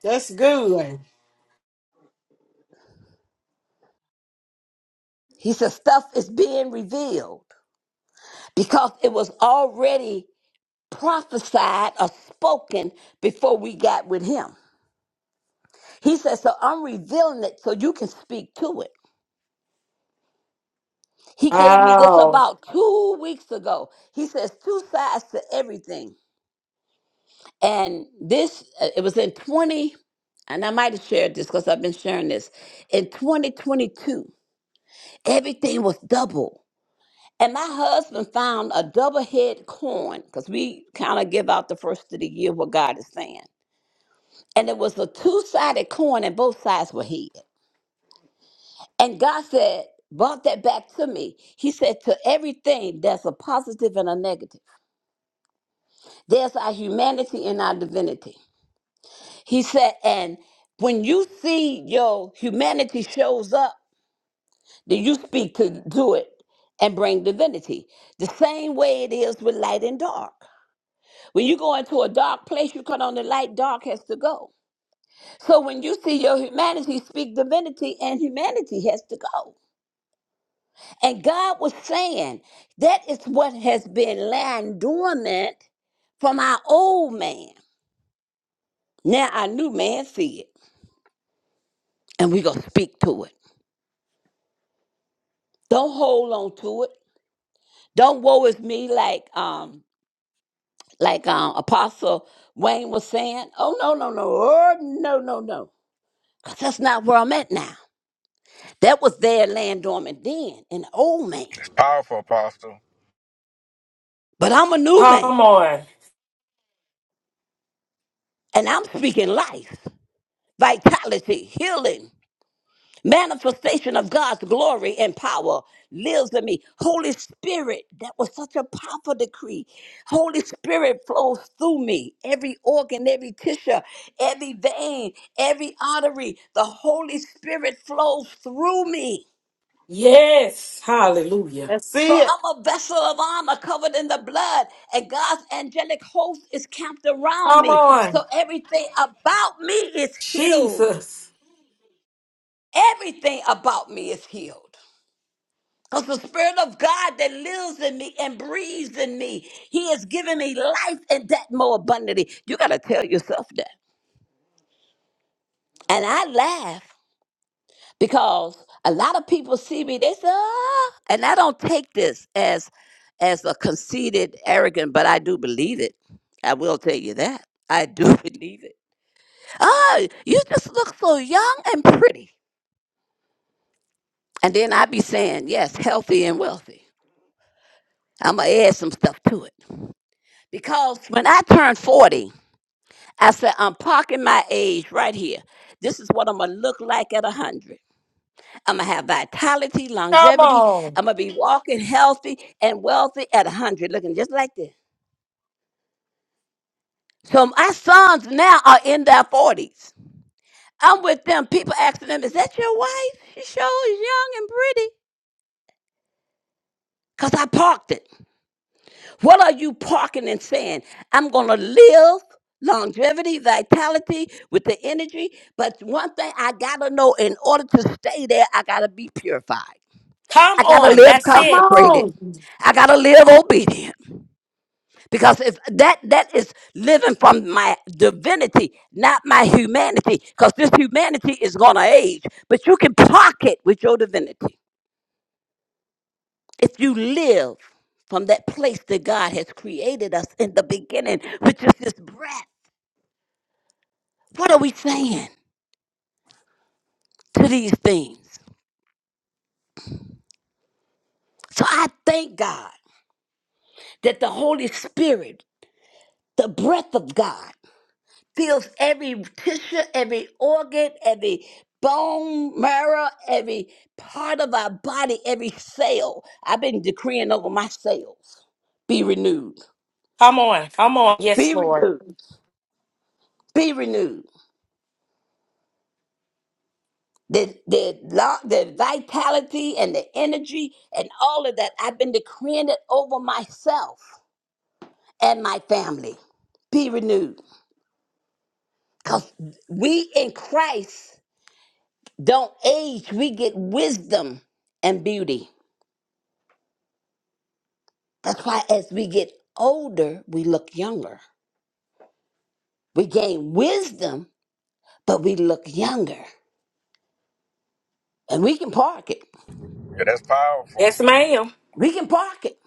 [SPEAKER 1] That's good.
[SPEAKER 4] He said stuff is being revealed because it was already prophesied or spoken before we got with him. He said, so I'm revealing it so you can speak to it. He gave me this
[SPEAKER 3] Wow.
[SPEAKER 4] about two weeks ago. He says two sides to everything. And this, uh, it was in 20, and I might have shared this because I've been sharing this. In 2022, everything was double. And my husband found a double head coin because we kind of give out the first of the year what God is saying. And it was a two sided coin, and both sides were hid. And God said, brought that back to me. He said, To everything, there's a positive and a negative. There's our humanity and our divinity. He said, and when you see your humanity shows up, then you speak to do it and bring divinity. The same way it is with light and dark. When you go into a dark place, you cut on the light, dark has to go. So when you see your humanity, speak divinity, and humanity has to go. And God was saying that is what has been lying dormant from our old man. Now our new man see it, and we going to speak to it. Don't hold on to it. Don't woe is me like um like um Apostle Wayne was saying. Oh no no no oh no no no. 'Cause that's not where I'm at now. That was their land dormant then, an old man.
[SPEAKER 5] It's powerful, Apostle.
[SPEAKER 4] But I'm a new man.
[SPEAKER 3] Come on.
[SPEAKER 4] And I'm speaking life, vitality, healing. manifestation of God's glory and power lives in me. Holy Spirit, that was such a powerful decree. Holy Spirit flows through me, every organ, every tissue, every vein, every artery. The Holy Spirit flows through me.
[SPEAKER 3] Yes. Hallelujah.
[SPEAKER 1] That's
[SPEAKER 4] For
[SPEAKER 1] it.
[SPEAKER 4] I'm a vessel of honor covered in the blood, and God's angelic host is camped around
[SPEAKER 3] Come
[SPEAKER 4] me.
[SPEAKER 3] on.
[SPEAKER 4] So everything about me is healed.
[SPEAKER 3] Jesus.
[SPEAKER 4] Everything about me is healed. Because the Spirit of God that lives in me and breathes in me, He has given me life and that more abundantly. You got to tell yourself that. And I laugh because a lot of people see me, they say, ah, and I don't take this as as a conceited, arrogant, but I do believe it. I will tell you that. I do believe it. Oh, you just look so young and pretty. And then I be saying, yes, healthy and wealthy. I'm going to add some stuff to it. Because when I turned 40, I said, I'm parking my age right here. This is what I'm gonna look like at 100. I'm gonna have vitality,
[SPEAKER 3] Come
[SPEAKER 4] longevity.
[SPEAKER 3] on.
[SPEAKER 4] I'm gonna be walking healthy and wealthy at 100, looking just like this. So my sons now are in their 40s. I'm with them. People asking them, Is that your wife? She sure is young and pretty. Because I parked it. What are you parking and saying? I'm going to live longevity, vitality with the energy. But one thing I got to know in order to stay there, I got to be purified.
[SPEAKER 3] Come
[SPEAKER 4] I got to
[SPEAKER 3] on.
[SPEAKER 4] live
[SPEAKER 3] That's
[SPEAKER 1] Come
[SPEAKER 3] it.
[SPEAKER 4] consecrated.
[SPEAKER 1] on.
[SPEAKER 4] I got to live obedient. Because if that that is living from my divinity, not my humanity, because this humanity is going to age, but you can park it with your divinity. if you live from that place that God has created us in the beginning, which is this breath, what are we saying to these things? So I thank God that the Holy Spirit, the breath of God, fills every tissue, every organ, every bone marrow, every part of our body, every cell. I've been decreeing over my cells be renewed,
[SPEAKER 3] Come on. Come on. Yes,
[SPEAKER 4] be
[SPEAKER 3] Lord.
[SPEAKER 4] renewed, be renewed. the the lo- the vitality and the energy and all of that. I've been decreeing it over myself and my family. Be renewed, cause we in Christ don't age. We get wisdom and beauty. That's why as we get older, we look younger. We gain wisdom, but we look younger, and we can park it.
[SPEAKER 5] Yeah, that's powerful.
[SPEAKER 3] Yes, ma'am.
[SPEAKER 4] We can park it.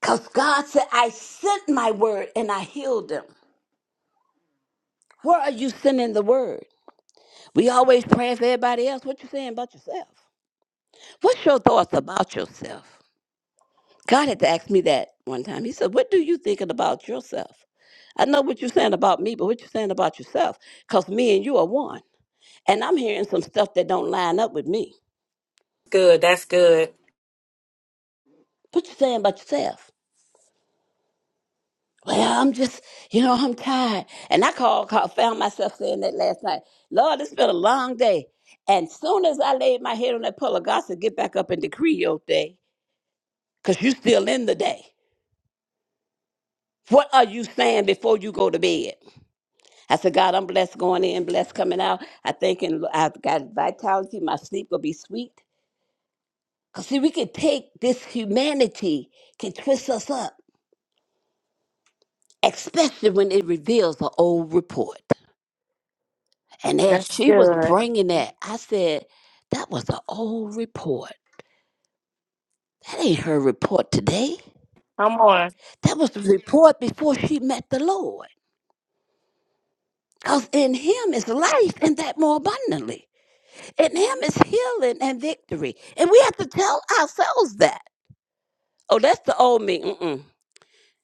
[SPEAKER 4] Because God said, I sent my word and I healed them. Where are you sending the word? We always praying for everybody else. What you saying about yourself? What's your thoughts about yourself? God had to ask me that one time. He said, What do you thinking about yourself? I know what you're saying about me, but what you saying about yourself? Because me and you are one. And I'm hearing some stuff that don't line up with me.
[SPEAKER 3] Good. That's good.
[SPEAKER 4] What you saying about yourself? Well, I'm just, you know, I'm tired. And I called, called found myself saying that last night. Lord, it's been a long day. And soon as I laid my head on that pillow, God said, get back up and decree your day, because you still in the day. What are you saying before you go to bed? I said, God, I'm blessed going in, blessed coming out. I think and I've got vitality. My sleep will be sweet. Because, see, we can take this humanity, can twist us up, especially when it reveals the old report. And as
[SPEAKER 3] That's
[SPEAKER 4] she was
[SPEAKER 3] good.
[SPEAKER 4] bringing that, I said, that was the old report. That ain't her report today.
[SPEAKER 3] Come on.
[SPEAKER 4] That was the report before she met the Lord. Because in him is life and that more abundantly. In him is healing and victory. And we have to tell ourselves that. Oh, that's the old me. Mm-mm.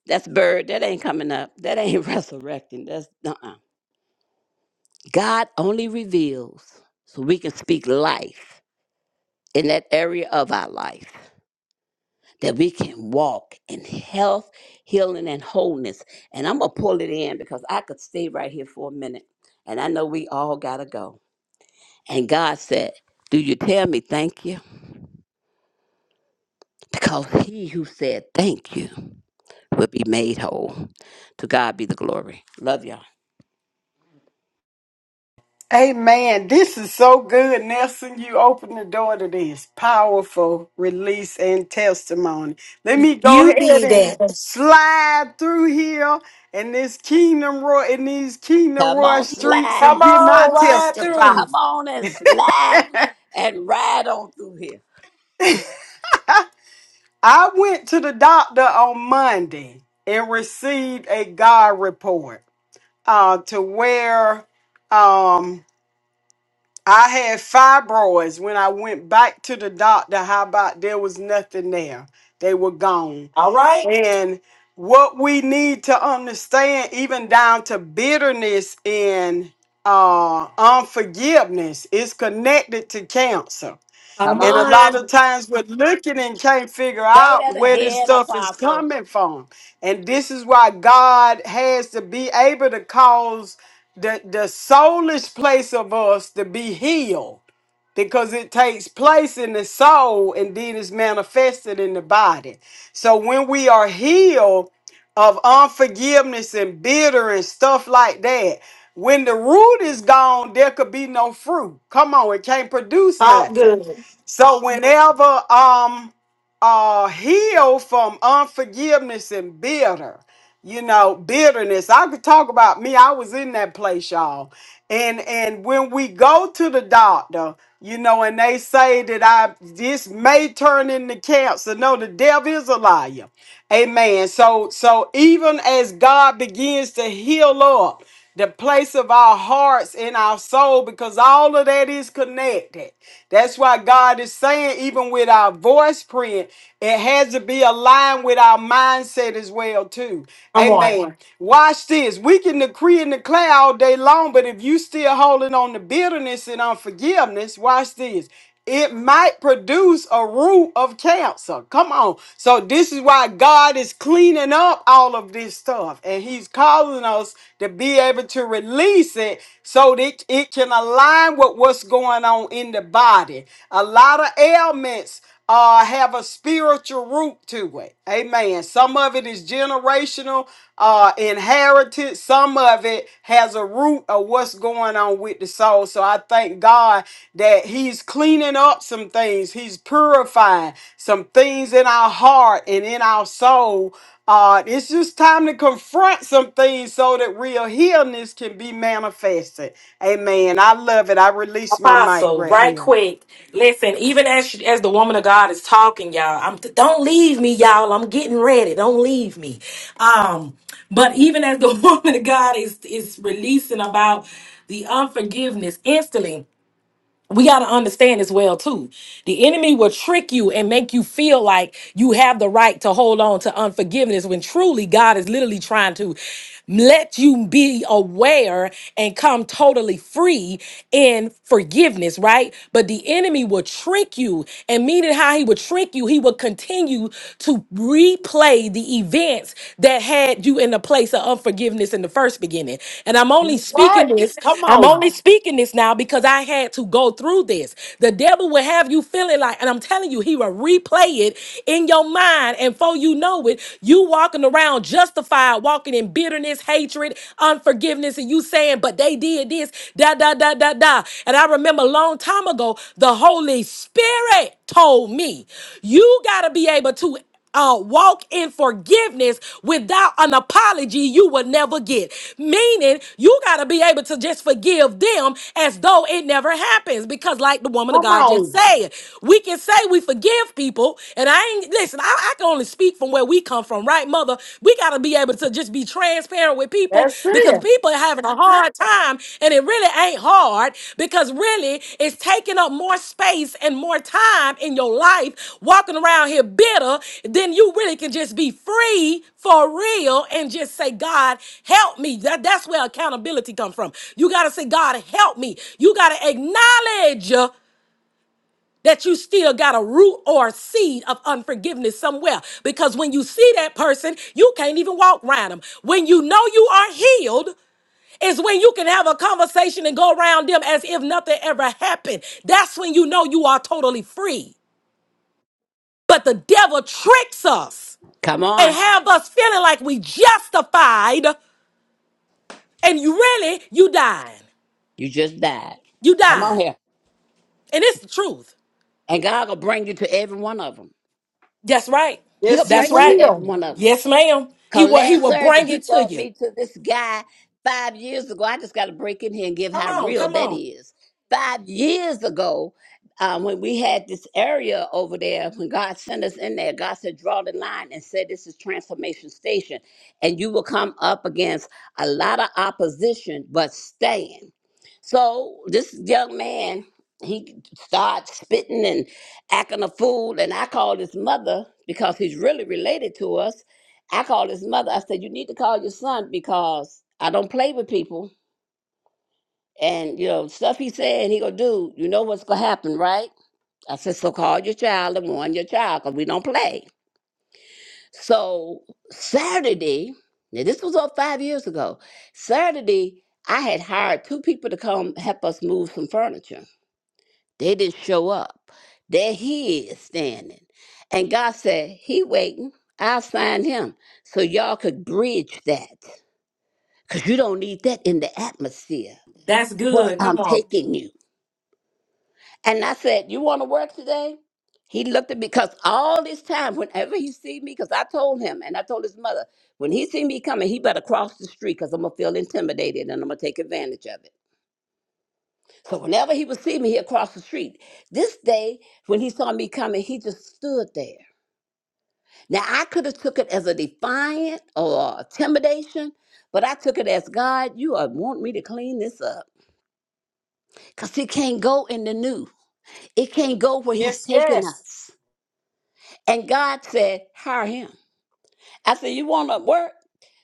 [SPEAKER 4] That's bird. That ain't coming up. That ain't resurrecting. That's uh-uh. God only reveals so we can speak life in that area of our life. That we can walk in health, healing, and wholeness. And I'm gonna pull it in because I could stay right here for a minute. And I know we all gotta go. And God said, Do you tell me thank you? Because he who said thank you will be made whole. To God be the glory. Love y'all.
[SPEAKER 1] Amen. This is so good, Nelson. You open the door to this powerful release and testimony. Let me go
[SPEAKER 3] You
[SPEAKER 1] ahead
[SPEAKER 3] did
[SPEAKER 1] and
[SPEAKER 3] that.
[SPEAKER 1] slide through here in this Kingdom Roy in these Kingdom
[SPEAKER 4] Come
[SPEAKER 1] Roy
[SPEAKER 4] on,
[SPEAKER 1] streets
[SPEAKER 3] Come
[SPEAKER 1] and
[SPEAKER 4] slide.
[SPEAKER 1] get my
[SPEAKER 3] on. Ride
[SPEAKER 1] testify.
[SPEAKER 3] through.
[SPEAKER 4] Come on and slide and ride on through here.
[SPEAKER 1] I went to the doctor on Monday and received a God report uh, to where um I had fibroids when I went back to the doctor. How about there was nothing there? They were gone.
[SPEAKER 3] All right.
[SPEAKER 1] And what we need to understand, even down to bitterness and uh, unforgiveness, is connected to cancer.
[SPEAKER 4] Come
[SPEAKER 3] Come
[SPEAKER 1] And a
[SPEAKER 4] on.
[SPEAKER 1] lot
[SPEAKER 3] on.
[SPEAKER 1] of times we're looking and can't figure
[SPEAKER 4] Say
[SPEAKER 1] out
[SPEAKER 4] that
[SPEAKER 1] where this
[SPEAKER 4] again,
[SPEAKER 1] stuff is
[SPEAKER 4] Apostle.
[SPEAKER 1] coming from. And this is why God has to be able to cause the, the soulish place of us to be healed because it takes place in the soul and then is manifested in the body. So when we are healed of unforgiveness and bitter and stuff like that, when the root is gone, there could be no fruit. Come on, it can't produce
[SPEAKER 3] Talk
[SPEAKER 1] nothing.
[SPEAKER 3] good.
[SPEAKER 1] So whenever um uh heal from unforgiveness and bitter, you know, bitterness. I could talk about me. I was in that place, y'all. And and when we go to the doctor, you know, and they say that I this may turn into cancer. No, the devil is a liar. Amen. So so even as God begins to heal up the place of our hearts and our soul because all of that is connected. That's why God is saying, even with our voice print, it has to be aligned with our mindset as well, too.
[SPEAKER 3] Come
[SPEAKER 1] Amen.
[SPEAKER 3] on.
[SPEAKER 1] Sure. Watch this. We can decree and declare all day long, but if you still holding on to bitterness and unforgiveness, watch this it might produce a root of cancer. Come on. So this is why God is cleaning up all of this stuff and he's calling us to be able to release it so that it can align with what's going on in the body. A lot of ailments uh have a spiritual root to it. Amen. Some of it is generational, uh inherited. Some of it has a root of what's going on with the soul. So I thank God that he's cleaning up some things. He's purifying some things in our heart and in our soul. Uh it's just time to confront some things so that real healness can be manifested. Amen. I love it. I release my mic
[SPEAKER 3] Apostle,
[SPEAKER 1] right
[SPEAKER 3] right
[SPEAKER 1] here.
[SPEAKER 3] quick. Listen, even as she, as the woman of God is talking, y'all, I'm don't leave me, y'all. I'm getting ready. Don't leave me. Um, but even as the woman of God is is releasing about the unforgiveness instantly, we got to understand as well too the enemy will trick you and make you feel like you have the right to hold on to unforgiveness when truly god is literally trying to let you be aware and come totally free in forgiveness right but the enemy will trick you and meaning how he would trick you he would continue to replay the events that that had you in a place of unforgiveness in the first beginning. And I'm only speaking this, I'm only speaking this now because I had to go through this. The devil will have you feeling like, and I'm telling you, he will replay it in your mind. And before you know it, you walking around justified, walking in bitterness, hatred, unforgiveness, and you saying, but they did this, da, da, da, da, da. And I remember a long time ago, the Holy Spirit told me, you got to be able to uh, walk in forgiveness without an apology you will never get. Meaning, you got to be able to just forgive them as though it never happens. Because, like the woman of God just said, we can say we forgive people. And I ain't, listen, I, I can only speak from where we come from, right, mother? We got to be able to just be transparent with people because people are having a hard time, and it really ain't hard because really it's taking up more space and more time in your life walking around here bitter Then you really can just be free for real and just say, God, help me. That, that's where accountability comes from. You got to say, God, help me. You got to acknowledge. uh, that you still got a root or a seed of unforgiveness somewhere. Because when you see that person, you can't even walk around them. When you know you are healed, is when you can have a conversation and go around them as if nothing ever happened. That's when you know you are totally free. But the devil tricks us
[SPEAKER 4] Come
[SPEAKER 3] and
[SPEAKER 4] on.
[SPEAKER 3] have us feeling like we justified and you really you dying.
[SPEAKER 4] You just died.
[SPEAKER 3] You
[SPEAKER 4] Come on
[SPEAKER 3] dying,
[SPEAKER 4] here.
[SPEAKER 3] And it's the truth.
[SPEAKER 4] And God will bring you to every one of them.
[SPEAKER 3] That's right.
[SPEAKER 1] Yes,
[SPEAKER 4] He'll
[SPEAKER 1] it
[SPEAKER 3] That's
[SPEAKER 4] bring you to
[SPEAKER 3] right.
[SPEAKER 4] every
[SPEAKER 1] will.
[SPEAKER 4] one of them.
[SPEAKER 3] Yes, ma'am. He
[SPEAKER 4] Cause
[SPEAKER 3] will he
[SPEAKER 4] last
[SPEAKER 3] will
[SPEAKER 4] Thursday
[SPEAKER 3] bring
[SPEAKER 4] he
[SPEAKER 3] it to
[SPEAKER 4] brought
[SPEAKER 3] you.
[SPEAKER 4] me to this guy five years ago. I just got to break in here and give
[SPEAKER 3] Come
[SPEAKER 4] how
[SPEAKER 3] on,
[SPEAKER 4] real
[SPEAKER 3] come
[SPEAKER 4] that
[SPEAKER 3] on.
[SPEAKER 4] is. Five years ago, uh, when we had this area over there, when God sent us in there, God said, draw the line and said, this is transformation station. And you will come up against a lot of opposition, but stand. So this young man, he starts spitting and acting a fool. And I called his mother because he's really related to us I called his mother. I said, "You need to call your son because I don't play with people, and you know stuff he said and he gonna do. You know what's gonna happen, right?" I said, "So call your child and warn your child because we don't play." So Saturday, now this was all five years ago. Saturday, I had hired two people to come help us move some furniture. They didn't show up. There he is standing, and God said, "He waiting. I signed him, so y'all could bridge that." because you don't need that in the atmosphere
[SPEAKER 3] That's
[SPEAKER 4] where
[SPEAKER 3] good. Come
[SPEAKER 4] I'm
[SPEAKER 3] on.
[SPEAKER 4] taking you. And I said, You want to work today? He looked at me because all this time, whenever he see me, because I told him and I told his mother, when he see me coming, he better cross the street because I'm gonna feel intimidated and I'm gonna take advantage of it. So whenever he would see me, he'd cross the street. This day, when he saw me coming, he just stood there. Now I could have took it as a defiant or intimidation, but I took it as God, you are want me to clean this up. because it can't go in the new. It can't go where he's
[SPEAKER 1] Yes,
[SPEAKER 4] taking
[SPEAKER 1] yes.
[SPEAKER 4] us. And God said, hire him. I said, you want to work?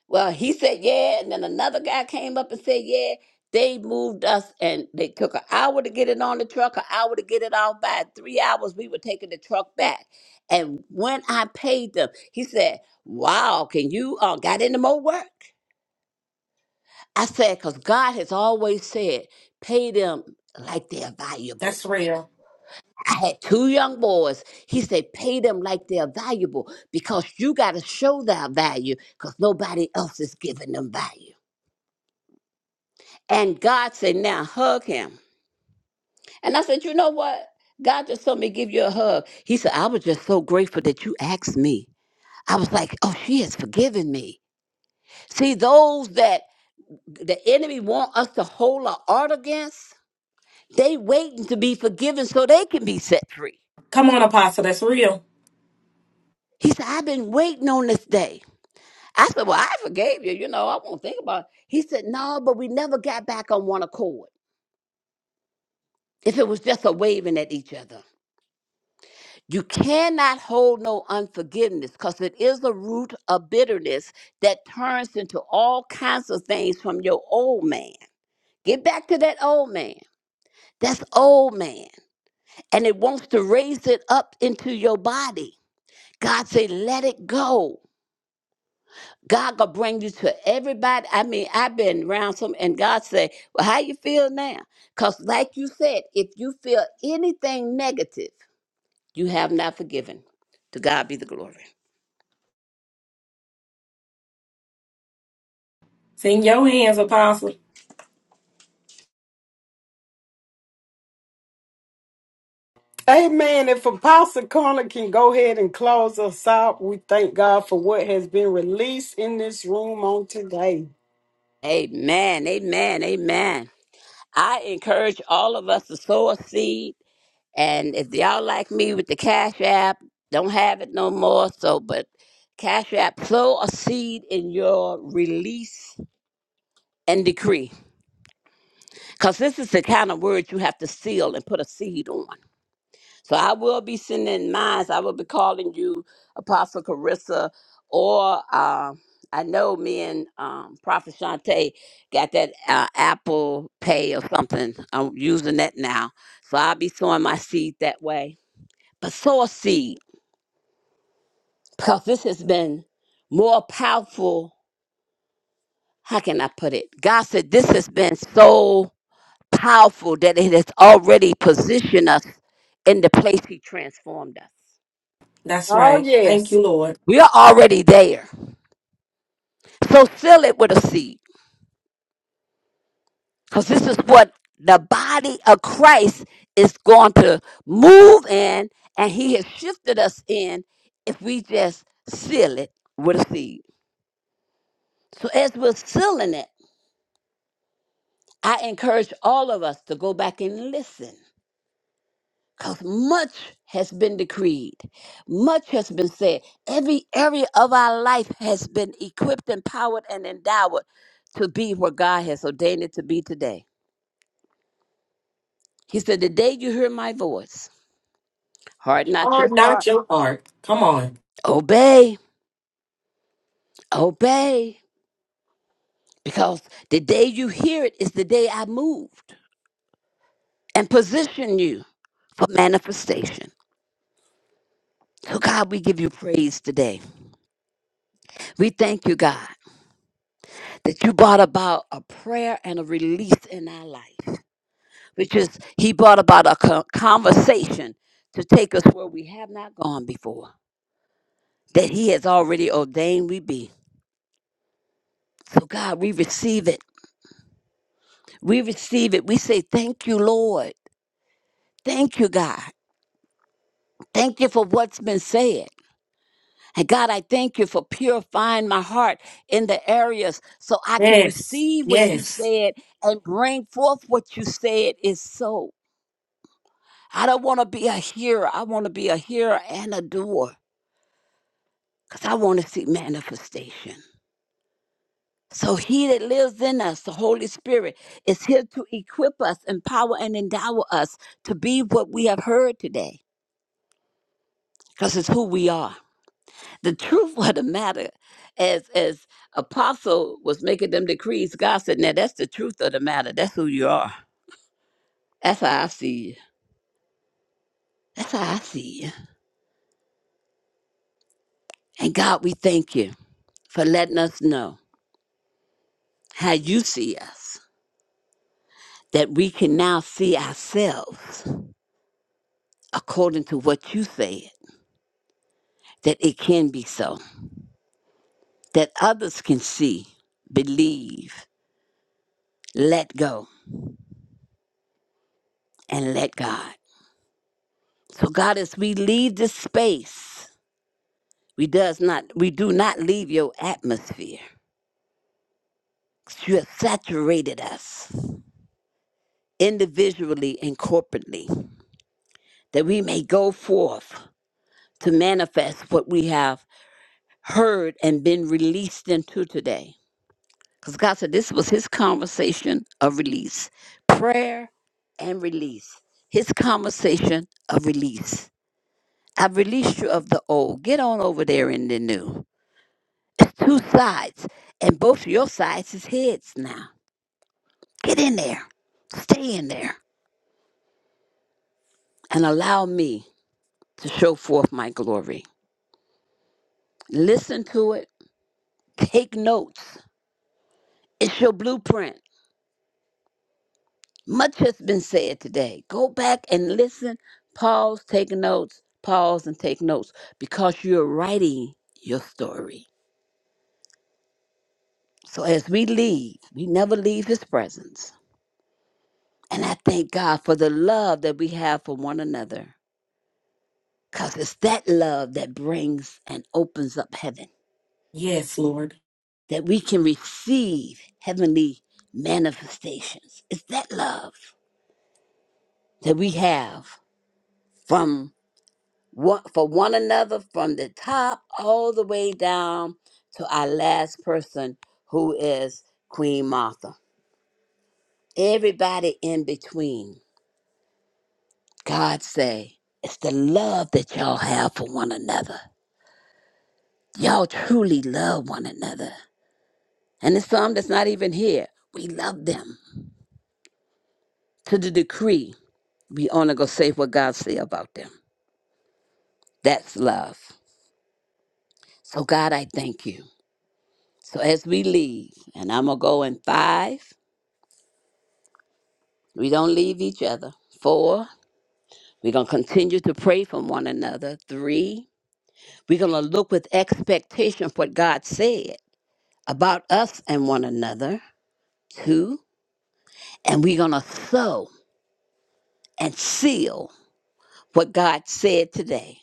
[SPEAKER 4] Well, he said, yeah. And then another guy came up and said, yeah. They moved us and they took an hour to get it on the truck, an hour to get it off. By three hours, we were taking the truck back. And when I paid them, he said, wow, can you uh, got any more work? I said, because God has always said, pay them like they're valuable
[SPEAKER 3] That's real.
[SPEAKER 4] I had two young boys. He said, pay them like they're valuable because you got to show their value because nobody else is giving them value. And God said, now hug him. And I said, you know what? God just told me to give you a hug. He said, I was just so grateful that you asked me. I was like, oh, she has forgiven me. See, those that the enemy want us to hold our art against, they waiting to be forgiven so they can be set free.
[SPEAKER 3] Come on, Apostle. That's real.
[SPEAKER 4] He said, I've been waiting on this day. I said, Well, I forgave you. You know, I won't think about it. He said, No, but we never got back on one accord. If it was just a waving at each other, you cannot hold no unforgiveness because it is a root of bitterness that turns into all kinds of things from your old man. Get back to that old man. That's old man. And it wants to raise it up into your body. God said, Let it go. God gonna bring you to everybody. I mean, I've been around some, and God say, "Well, how you feel now?" Cause like you said, if you feel anything negative, you have not forgiven. To God be the glory.
[SPEAKER 3] It's in your hands, Apostle.
[SPEAKER 1] Amen. If Apostle Connor can go ahead and close us out, we thank God for what has been released in this room on today.
[SPEAKER 4] Amen. Amen. Amen. I encourage all of us to sow a seed, and if y'all like me with the Cash App, don't have it no more. So, but Cash App, sow a seed in your release and decree Because this is the kind of word you have to seal and put a seed on. So I will be sending mines. I will be calling you Apostle Carissa, or um, I know me and um, Prophet Shante got that uh, Apple Pay or something. I'm using that now. So I'll be sowing my seed that way. But sow a seed because this has been more powerful. How can I put it? God said this has been so powerful that it has already positioned us in the place He transformed us.
[SPEAKER 3] That's
[SPEAKER 1] Oh,
[SPEAKER 3] right. Thank
[SPEAKER 1] yes.
[SPEAKER 3] you, Lord.
[SPEAKER 4] We are already there. So fill it with a seed because this is what the body of Christ is going to move in and He has shifted us in if we just seal it with a seed. So as we're sealing it, I encourage all of us to go back and listen Because much has been decreed, much has been said. Every area of our life has been equipped, empowered, and endowed to be where God has ordained it to be today. He said, The day you hear my voice, harden not your
[SPEAKER 3] Hard, not
[SPEAKER 4] heart,
[SPEAKER 3] your heart. Come on.
[SPEAKER 4] obey, obey, because the day you hear it is the day I moved and position you for manifestation. So, God, we give you praise today. We thank you, God. that you brought about a prayer and a release in our life, which is He brought about a co- conversation to take us where we have not gone before, that He has already ordained we be. So, God, we receive it. We receive it. We say, Thank you, Lord. Thank you, God. Thank you for what's been said. And God, I thank you for purifying my heart in the areas so I can
[SPEAKER 3] Yes.
[SPEAKER 4] receive what you
[SPEAKER 3] Yes.
[SPEAKER 4] said and bring forth what you said is so. I don't want to be a hearer. I want to be a hearer and a doer because I want to see manifestation. So he that lives in us, the Holy Spirit, is here to equip us, empower, and endow us to be what we have heard today because it's who we are. The truth of the matter, as as Apostle was making them decrees, God said, now that's the truth of the matter. That's who you are. That's how I see you. That's how I see you. And God, we thank you for letting us know how you see us. that we can now see ourselves according to what you said, that it can be so, that others can see, believe, let go, and let God. So God, as we leave this space, we does not we do not leave your atmosphere. You have saturated us individually and corporately, that we may go forth to manifest what we have heard and been released into today. Because God said this was his conversation of release. Prayer and release. His conversation of release. I've released you of the old. Get on over there in the new. It's two sides. And both of your sides is heads now. Get in there. Stay in there. And allow me to show forth my glory. Listen to it. Take notes. It's your blueprint. Much has been said today. Go back and listen, pause, take notes, pause and take notes because you're writing your story. So as we leave, we never leave his presence. And I thank God for the love that we have for one another because it's that love that brings and opens up heaven,
[SPEAKER 3] Yes, Lord.
[SPEAKER 4] that we can receive heavenly manifestations. It's that love that we have from one, for one another from the top all the way down to our last person who is Queen Martha. Everybody in between. God say, it's the love that y'all have for one another. Y'all truly love one another. And it's some that's not even here. We love them. To the decree, we only gonna say what God say about them. That's love. So God, I thank you. So as we leave, and I'm gonna go in five, We don't leave each other. Four, we're going to continue to pray for one another. Three, we're going to look with expectation for what God said about us and one another. Two, and we're going to sow and seal what God said today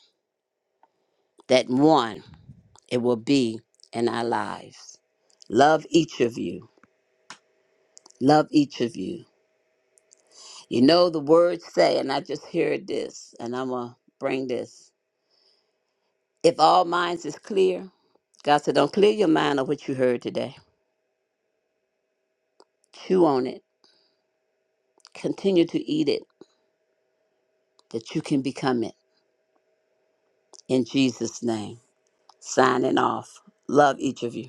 [SPEAKER 4] that one, it will be in our lives. Love each of you. Love each of you. You know, the words say, and I just heard this, and I'm going to bring this. If all minds is clear, God said, don't clear your mind of what you heard today. Chew on it. Continue to eat it that you can become it. In Jesus' name. Signing off. Love each of you.